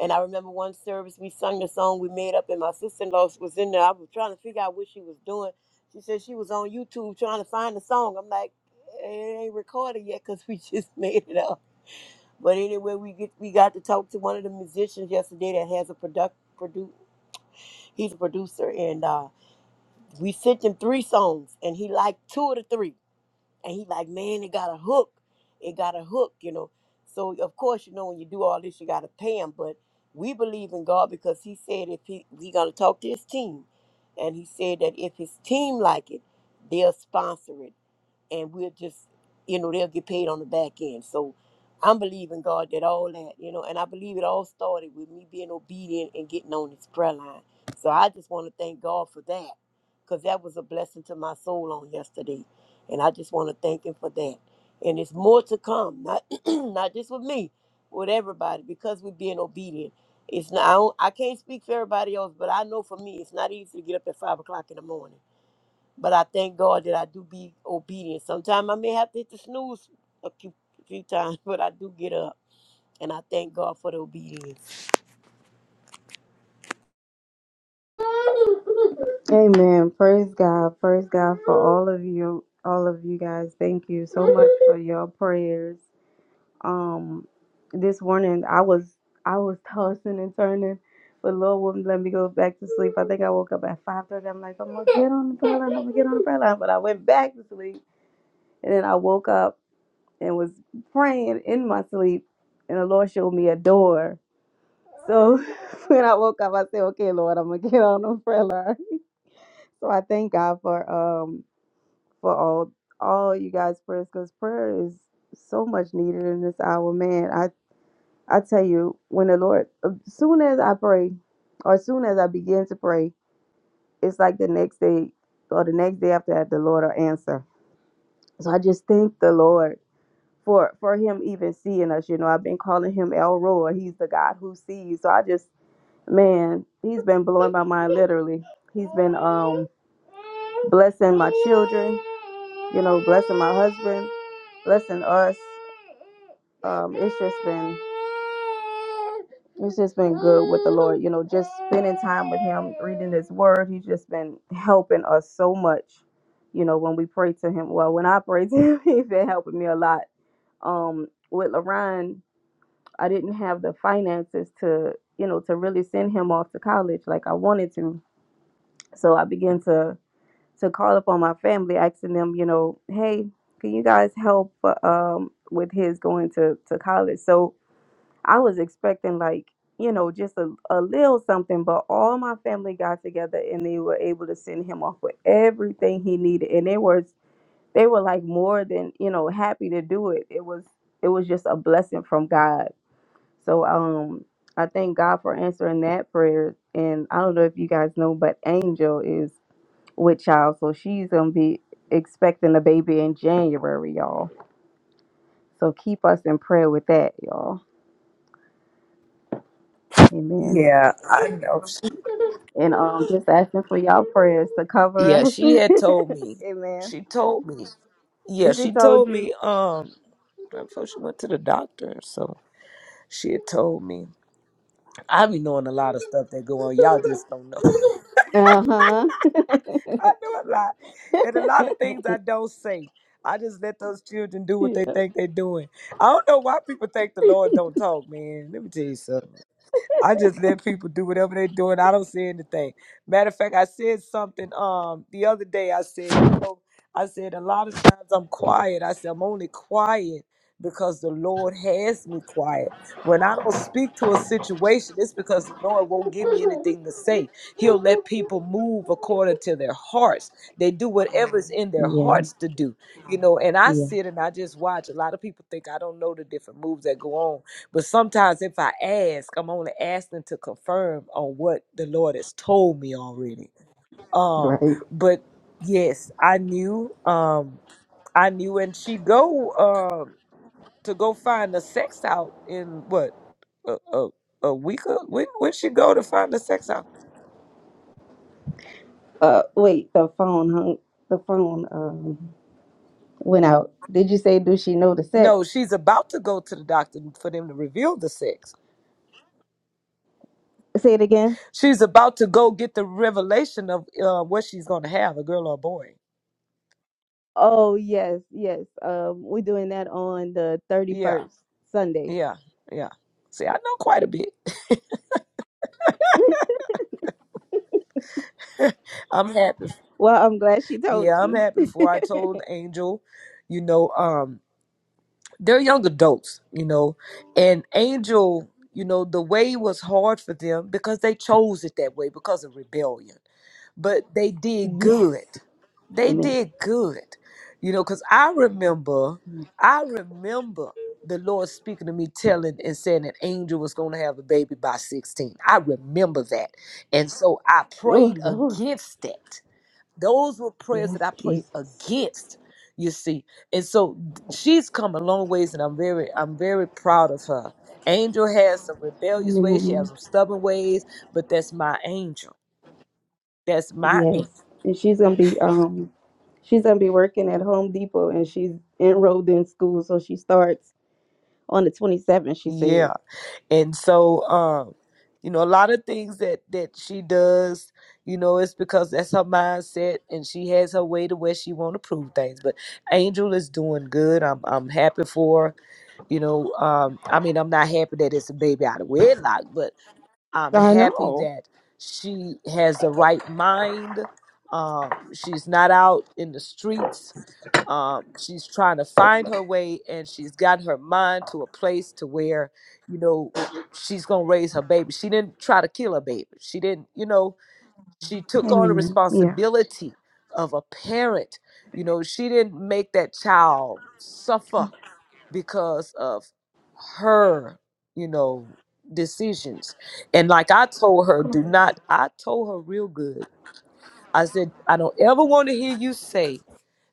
S2: And I remember one service we sung the song we made up and my sister-in-law was in there. I was trying to figure out what she was doing. She said she was on YouTube trying to find the song. I'm like, it ain't recorded yet because we just made it up but anyway, we get we got to talk to one of the musicians yesterday that has a product produ he's a producer and uh we sent him three songs and he liked two of the three. And he like, man, it got a hook. It got a hook, you know. So of course, you know, when you do all this you gotta pay him, but we believe in God because he said if he he gonna talk to his team. And he said that if his team like it, they'll sponsor it and we'll just, you know, they'll get paid on the back end. So I'm believing God that all that, you know, and I believe it all started with me being obedient and getting on this prayer line. So I just want to thank God for that because that was a blessing to my soul on yesterday. And I just want to thank Him for that. And it's more to come, not not just with me, with everybody, because we're being obedient. It's not I, don't, I can't speak for everybody else, but I know for me, it's not easy to get up at five o'clock in the morning but I thank God that I do be obedient. Sometimes I may have to hit the snooze a few, few times, but I do get up. And I thank God for the obedience.
S4: Amen. Praise God. Praise God for all of you, all of you guys. Thank you so much for your prayers. Um, this morning I was I was tossing and turning, but the Lord wouldn't let me go back to sleep. I think I woke up at five thirty. I'm like, I'm gonna get on the prayer line. I'm gonna get on the prayer line, but I went back to sleep, and then I woke up and was praying in my sleep, and the Lord showed me a door. So when I woke up, I said, Okay, Lord, I'm gonna get on the prayer line. So I thank God for um for all all you guys prayers because prayer is so much needed in this hour, man. I I tell you, when the Lord, as soon as I pray, or as soon as I begin to pray, it's like the next day or the next day after that, the Lord will answer. So I just thank the Lord for for Him even seeing us. You know, I've been calling Him El Roy. He's the God who sees. So I just Man, he's been blowing my mind literally. He's been um blessing my children, you know, blessing my husband, blessing us. Um, it's just been it's just been good with the Lord, you know, just spending time with him, reading his word. He's just been helping us so much, you know, when we pray to him. Well, when I pray to him, he's been helping me a lot. Um, with Lorraine, I didn't have the finances to, you know, to really send him off to college like I wanted to. So I began to to call upon my family, asking them, you know, hey, can you guys help uh, um, with his going to to college? So I was expecting like, you know, just a, a little something, but all my family got together and they were able to send him off with everything he needed, and they were they were like more than you know happy to do it. It was it was just a blessing from God so um I thank God for answering that prayer. And I don't know if you guys know, but Angel is with child, so she's gonna be expecting a baby in January, y'all. So keep us in prayer with that, y'all. Amen.
S3: Yeah, I know. She-
S4: And um just asking for y'all prayers to cover
S3: yeah,
S4: us.
S3: she had told me.
S4: Amen.
S3: She told me. Yeah,
S4: She
S3: she
S4: told
S3: told
S4: you.
S3: me. Um, Before she went to the doctor, so she had told me. I be knowing a lot of stuff that go on. Y'all just don't know.
S4: Uh-huh.
S3: I know a lot, and a lot of things I don't say. I just let those children do what they
S4: yeah.
S3: think they're doing. I don't know why people think the Lord don't talk, man. Let me tell you something. I just let people do whatever they're doing. I don't say anything. Matter of fact, I said something um the other day. I said, you know, I said a lot of times I'm quiet. I said I'm only quiet because the Lord has me quiet. When I don't speak to a situation, it's because the Lord won't give me anything to say. He'll let people move according to their hearts. They do whatever's in their
S4: Yeah.
S3: hearts to do, you know. And I
S4: Yeah.
S3: sit and I just watch. A lot of people think I don't know the different moves that go on but sometimes if I ask, I'm only asking to confirm on what the Lord has told me already. Um,
S4: Right.
S3: but yes, I knew, um, I knew, and she go um to go find the sex out in what a a, a week. Or, when when she go to find the sex out?
S4: Uh, wait, the phone hung. The phone um went out. Did you say? do she know the
S3: No,
S4: sex?
S3: she's about to go to the doctor for them to reveal the sex.
S4: Say it again.
S3: She's about to go get the revelation of uh, what she's going to have, a girl or a boy.
S4: Oh yes, yes. Um, we're doing that on the thirty
S3: Yeah.
S4: first Sunday.
S3: Yeah, yeah. See, I know quite a bit. I'm happy.
S4: Well, I'm glad she told
S3: Yeah, I'm
S4: you.
S3: happy for I told Angel, you know, um, they're young adults, you know, and Angel, you know, the way was hard for them because they chose it that way because of rebellion but they did good.
S4: Yes.
S3: They
S4: Amen.
S3: did good. You know, because I remember, I remember the Lord speaking to me, telling and saying an angel was going to have a baby by 16. I remember that. And so I
S4: Oh
S3: prayed
S4: Lord.
S3: against it. Those were prayers that I
S4: Yes,
S3: prayed
S4: Jesus.
S3: against, you see. And so she's come a long ways, and I'm very, I'm very proud of her. Angel has some rebellious ways, she has
S4: Amen.
S3: some stubborn ways, but that's my angel. That's my angel.
S4: Yes. And she's gonna be um she's gonna be working at Home Depot and she's enrolled in school, so she starts on the twenty seventh, she said.
S3: Yeah. And so um you know a lot of things that that she does, you know, it's because that's her mindset and she has her way to where she want to prove things. But Angel is doing good. I'm I'm happy for her. You know, um I mean, I'm not happy that it's a baby out of wedlock, but I'm
S4: I
S3: happy
S4: know.
S3: that she has the right mind. Um she's not out in the streets um, she's trying to find her way and she's got her mind to a place to where you know she's gonna raise her baby she didn't try to kill her baby she didn't you know she took Mhm. on the
S4: Amen. Yeah.
S3: responsibility of a parent you know she didn't make that child suffer because of her you know decisions and like i told her do not i told her real good i said i don't ever want to hear you say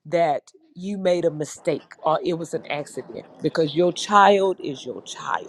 S3: that you made a mistake or it was an accident because your child is your child.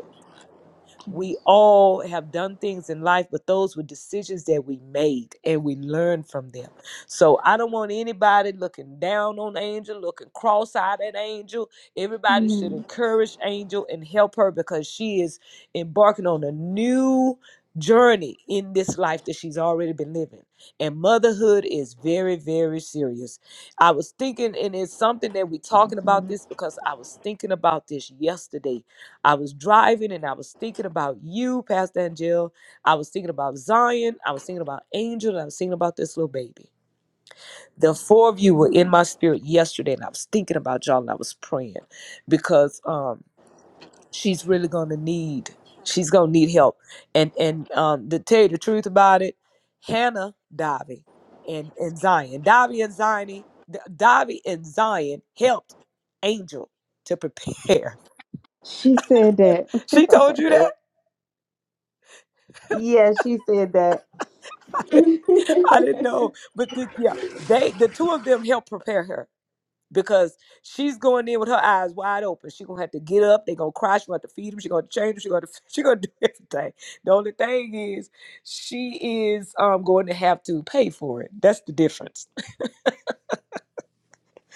S3: We
S4: Yes.
S3: all have done things in life, but those were decisions that we made and we learned from them. So I don't want anybody looking down on Angel, looking cross eyed at Angel. Everybody should
S4: Amen.
S3: encourage Angel and help her because she is embarking on a new journey in this life that she's already been living. And motherhood is very, very serious. I was thinking, and it's something that we're talking about this because I was thinking about this yesterday I was driving and I was thinking about you, Pastor Angel. I was thinking about Zion. I was thinking about Angel. And I was thinking about this little baby. The four of you were in my spirit yesterday, and I was thinking about y'all and I was praying because um, she's really gonna need she's gonna need help. And and um, to tell you the truth about it, Hannah, Davi, and and Zion, Davi and Zion, Davi and Zion helped Angel to prepare.
S4: She said that.
S3: she told you that.
S4: yeah, she said that.
S3: I didn't know, but the, yeah, they the two of them helped prepare her because she's going in with her eyes wide open. She gonna have to get up. They gonna cry. She gonna have to feed them. She gonna change them. She gonna she gonna do everything. The only thing is, she is um going to have to pay for it. That's the difference.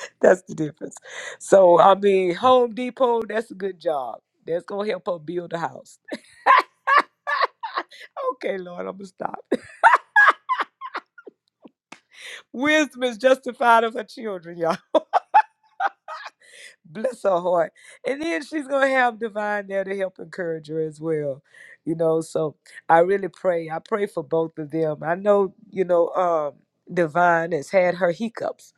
S3: That's the difference. So I mean, Home Depot. That's a good job. That's gonna help her build a house. Okay, Lord, I'm gonna stop. Wisdom is justified of her children, y'all. bless her heart. And then she's gonna have divine there to help encourage her as well. You know, so I really pray. I pray for both of them. I know, you know, um Divine has had her hiccups.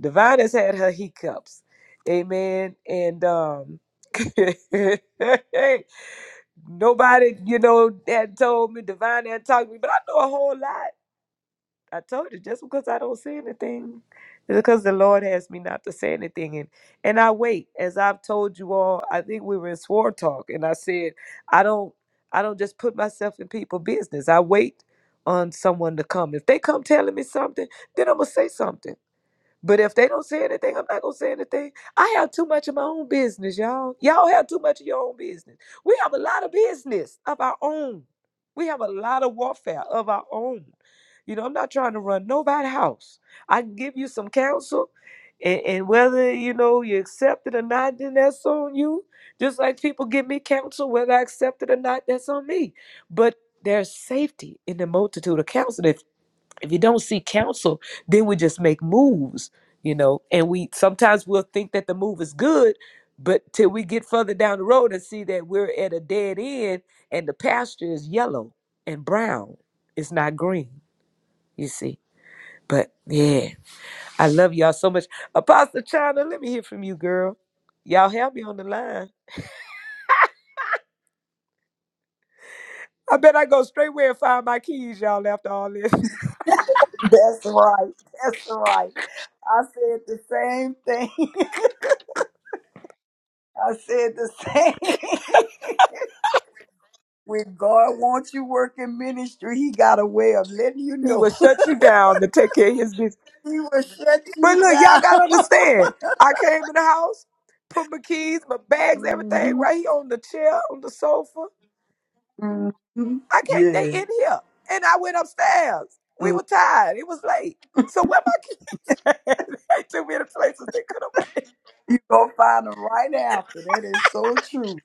S3: Divine has had her hiccups. Amen. And um nobody, you know, had told me, Divine had talked to me, but I know a whole lot. I told you, just because I don't say anything, because the Lord has me not to say anything, and and I wait. As I've told you all, I think we were in swore talk, and I said I don't, I don't just put myself in people' business. I wait on someone to come. If they come telling me something, then I'm gonna say something. But if they don't say anything, I'm not gonna say anything. I have too much of my own business, y'all. Y'all have too much of your own business. We have a lot of business of our own. We have a lot of warfare of our own. You know, I'm not trying to run nobody's house. I can give you some counsel, and, and whether you know you accept it or not, then that's on you. Just like people give me counsel, whether I accept it or not, that's on me. But there's safety in the multitude of counsel. If if you don't see counsel, then we just make moves, you know. And we sometimes we'll think that the move is good, but till we get further down the road and see that we're at a dead end and the pasture is yellow and brown, it's not green, you see. But yeah, I love y'all so much. Apostle China, let me hear from you, girl. Y'all have me on the line. I bet I go straight where and find my keys, y'all, after all this.
S1: That's right. That's right. I said the same thing. I said the same. when God wants you working ministry, He got a way of letting you
S3: He
S1: know.
S3: will shut you down to take care of his business.
S1: he will shut
S3: But
S1: you
S3: look, y'all
S1: down.
S3: gotta understand. I came in the house, put my keys, my bags, everything
S1: hmm
S3: right here on the chair, on the sofa.
S1: hmm
S3: I can't. They
S1: Yeah.
S3: in here, and I went upstairs. We
S1: Mm.
S3: were tired. It was late. So where my keys? they took me to places they could have.
S1: You to find them right after. That is so true.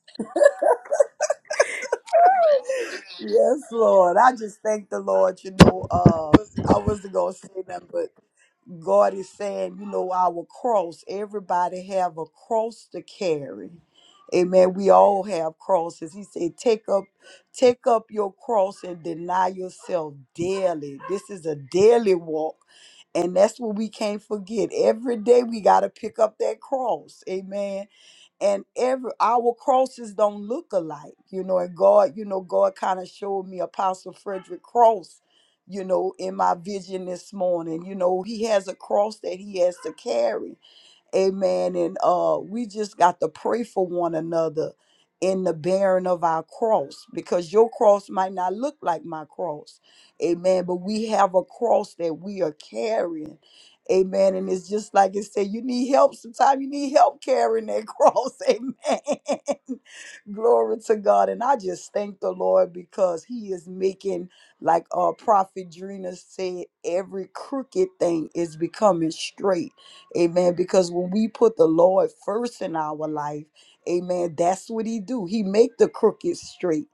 S1: Yes, Lord. I just thank the Lord. You know, uh, I wasn't gonna say nothing, God is saying, you know, our cross. Everybody have a cross to carry. Amen. We all have crosses. He said, take up, take up your cross and deny yourself daily. This is a daily walk. And that's what we can't forget. Every day we gotta pick up that cross. Amen and every our crosses don't look alike you know and god you know god kind of showed me apostle frederick cross you know in my vision this morning you know he has a cross that he has to carry Amen. And uh, we just got to pray for one another in the bearing of our cross because your cross might not look like my cross. Amen. But we have a cross that we are carrying. Amen. And it's just like it said, you need help. Sometimes you need help carrying that cross. Amen. Glory to God. And I just thank the Lord because He is making, like uh Prophet Drina said, every crooked thing is becoming straight Amen. Because when we put the Lord first in our life, amen, that's what he do. He make the crooked straight.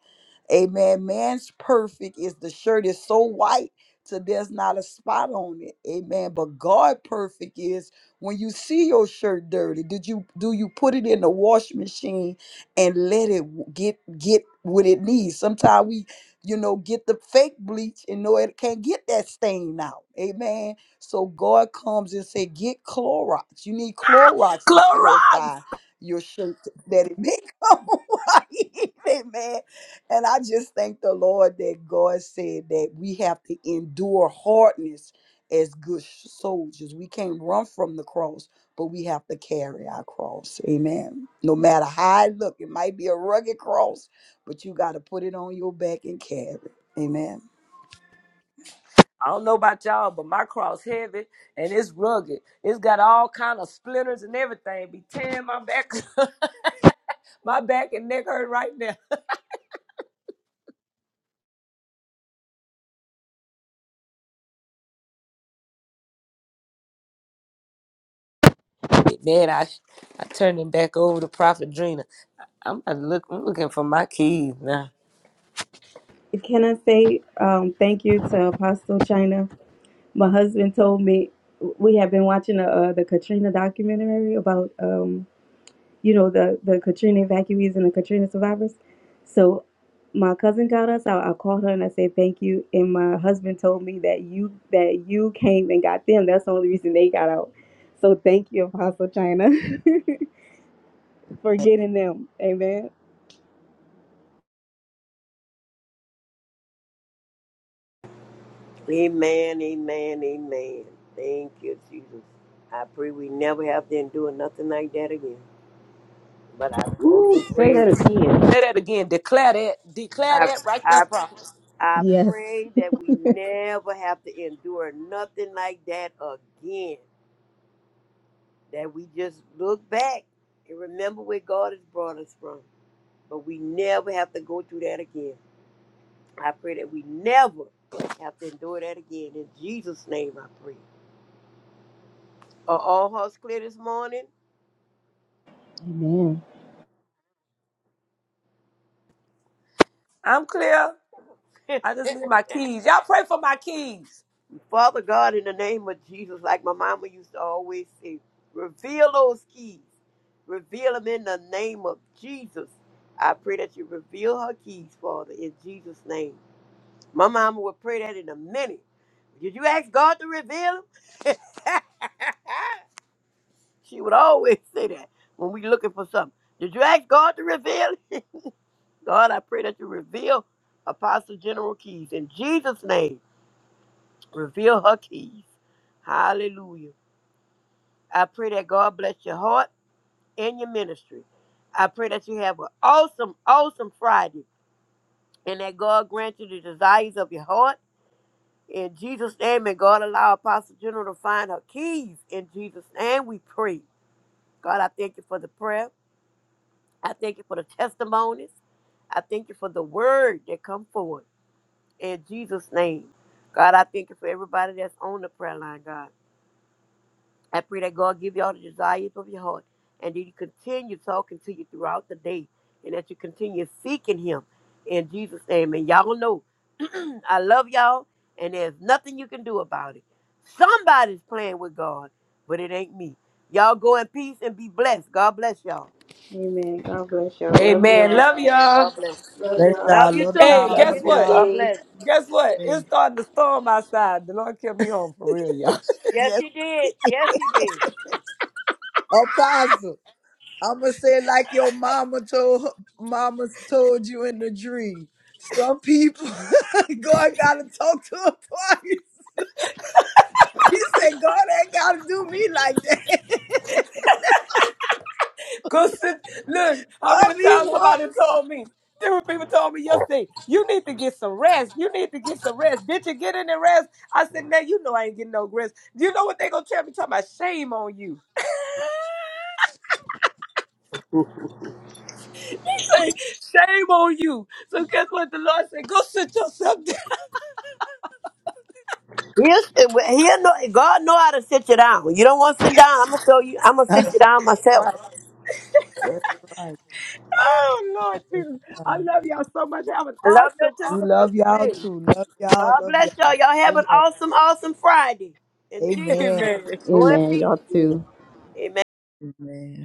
S1: Amen. Man's perfect is the shirt is so white till there's not a spot on it. Amen. But God perfect is when you see your shirt dirty, did you do you put it in the wash machine and let it w- get get what it needs? Sometimes we, you know, get the fake bleach and know it can't get that stain out. Amen. So God comes and say, get Clorox. You need Clorox to
S3: Clorox.
S1: purify your shirt that it may come white. Amen and I just thank the Lord that God said that we have to endure hardness as good sh- soldiers. We can't run from the cross, but we have to carry our cross. Amen. No matter how I look, it might be a rugged cross, but you got to put it on your back and carry. it. Amen.
S3: I don't know about y'all, but my cross heavy and it's rugged. It's got all kind of splinters and everything. Be tearing my back, my back and neck hurt right now. Man, I I turned him back over to Prophet Drina. I'm about to look. I'm looking for my keys now.
S4: Can I say um, thank you to Apostle China? My husband told me we have been watching the, uh, the Katrina documentary about um, you know, the, the Katrina evacuees and the Katrina survivors. So my cousin got us out. I called her and I said thank you. And my husband told me that you that you came and got them. That's the only reason they got out. So thank you, Apostle China, for getting them. Amen.
S2: Amen, amen, amen. Thank you, Jesus. I pray we never have to endure nothing like that again. But I also
S3: Ooh, say
S2: pray,
S3: that again. Say that again. Declare that. Declare
S2: I,
S3: that right there,
S2: I,
S3: prophet.
S2: I
S4: Yes.
S2: pray that we never have to endure nothing like that again. That we just look back and remember where God has brought us from. but we never have to go through that again. I pray that we never have to endure that again. In Jesus' name, I pray. Are all hearts clear this morning?
S4: Amen.
S3: I'm clear. I just need my keys. Y'all pray for my keys.
S2: Father God, in the name of Jesus, like my mama used to always say, reveal those keys. Reveal them in the name of Jesus. I pray that you reveal her keys, Father, in Jesus' name. My mama would pray that in a minute. Did you ask God to reveal them? She would always say that when we looking for something. Did you ask God to reveal? it? God, I pray that you reveal Apostle General Keys in Jesus' name. Reveal her keys. Hallelujah. I pray that God bless your heart and your ministry. I pray that you have an awesome, awesome Friday and that God grant you the desires of your heart. In Jesus' name, and God allow Apostle General to find her keys. In Jesus' name, we pray. God, I thank you for the prayer. I thank you for the testimonies. I thank you for the word that come forward in Jesus' name. God, I thank you for everybody that's on the prayer line, God. I pray that God give you all the desires of your heart and that He continue talking to you throughout the day and that you continue seeking Him in Jesus' name. And y'all know I love y'all and there's nothing you can do about it. Somebody's playing with God, but it ain't me. Y'all go in peace and be blessed. God bless y'all.
S4: Amen. God bless y'all. Love
S3: Amen.
S4: y'all.
S3: Love
S2: Amen.
S3: y'all.
S2: God bless.
S4: Love
S1: Bless
S4: y'all.
S1: y'all.
S2: Love you
S1: Love
S2: too.
S3: Hey,
S1: y'all.
S2: Love
S4: Have
S1: Love
S2: you
S3: guess
S4: a
S2: too.
S4: good
S3: what?
S1: y'all.
S2: God
S4: day.
S2: bless.
S3: Guess what? It's
S1: Amen.
S3: starting to storm outside. The Lord kept me home for real, y'all.
S2: Yes,
S1: Yes,
S2: he did. Yes, he did.
S1: Apostle. I'm gonna say it like your mama told mamas told you in the dream. Some people God gotta talk to her twice. He said, God ain't gotta do me like that.
S3: Cause it- look, how
S1: Love
S3: many
S1: me
S3: times somebody
S1: once.
S3: told me, different people told me yesterday, you need to get some rest. You need to get some rest. Did you get any rest? I said, man, you know I ain't getting no rest. You know what they gonna tell me? Talking about shame on you. Say, shame on you. So guess what? The Lord said, go sit yourself down.
S2: He'll, he'll know, God know how to sit you down. You don't want to sit down. I'm gonna show you. I'm gonna sit
S1: That's
S2: you down
S1: right.
S2: myself.
S1: That's right.
S3: Oh Lord
S1: That's
S3: Jesus. I
S1: right.
S3: love y'all so much. Have an
S2: I love you
S3: awesome,
S2: too.
S1: We
S3: awesome
S1: love y'all
S3: day.
S1: too. Love y'all.
S2: God
S1: Love
S2: bless y'all.
S1: y'all
S2: Y'all have
S1: so
S2: an
S1: much.
S2: awesome, awesome Friday. In Jesus'
S1: Amen.
S2: name,
S3: Amen.
S2: go in
S4: Amen.
S2: peace.
S4: Y'all
S1: Yeah.
S4: too.
S2: Amen.
S1: Amen.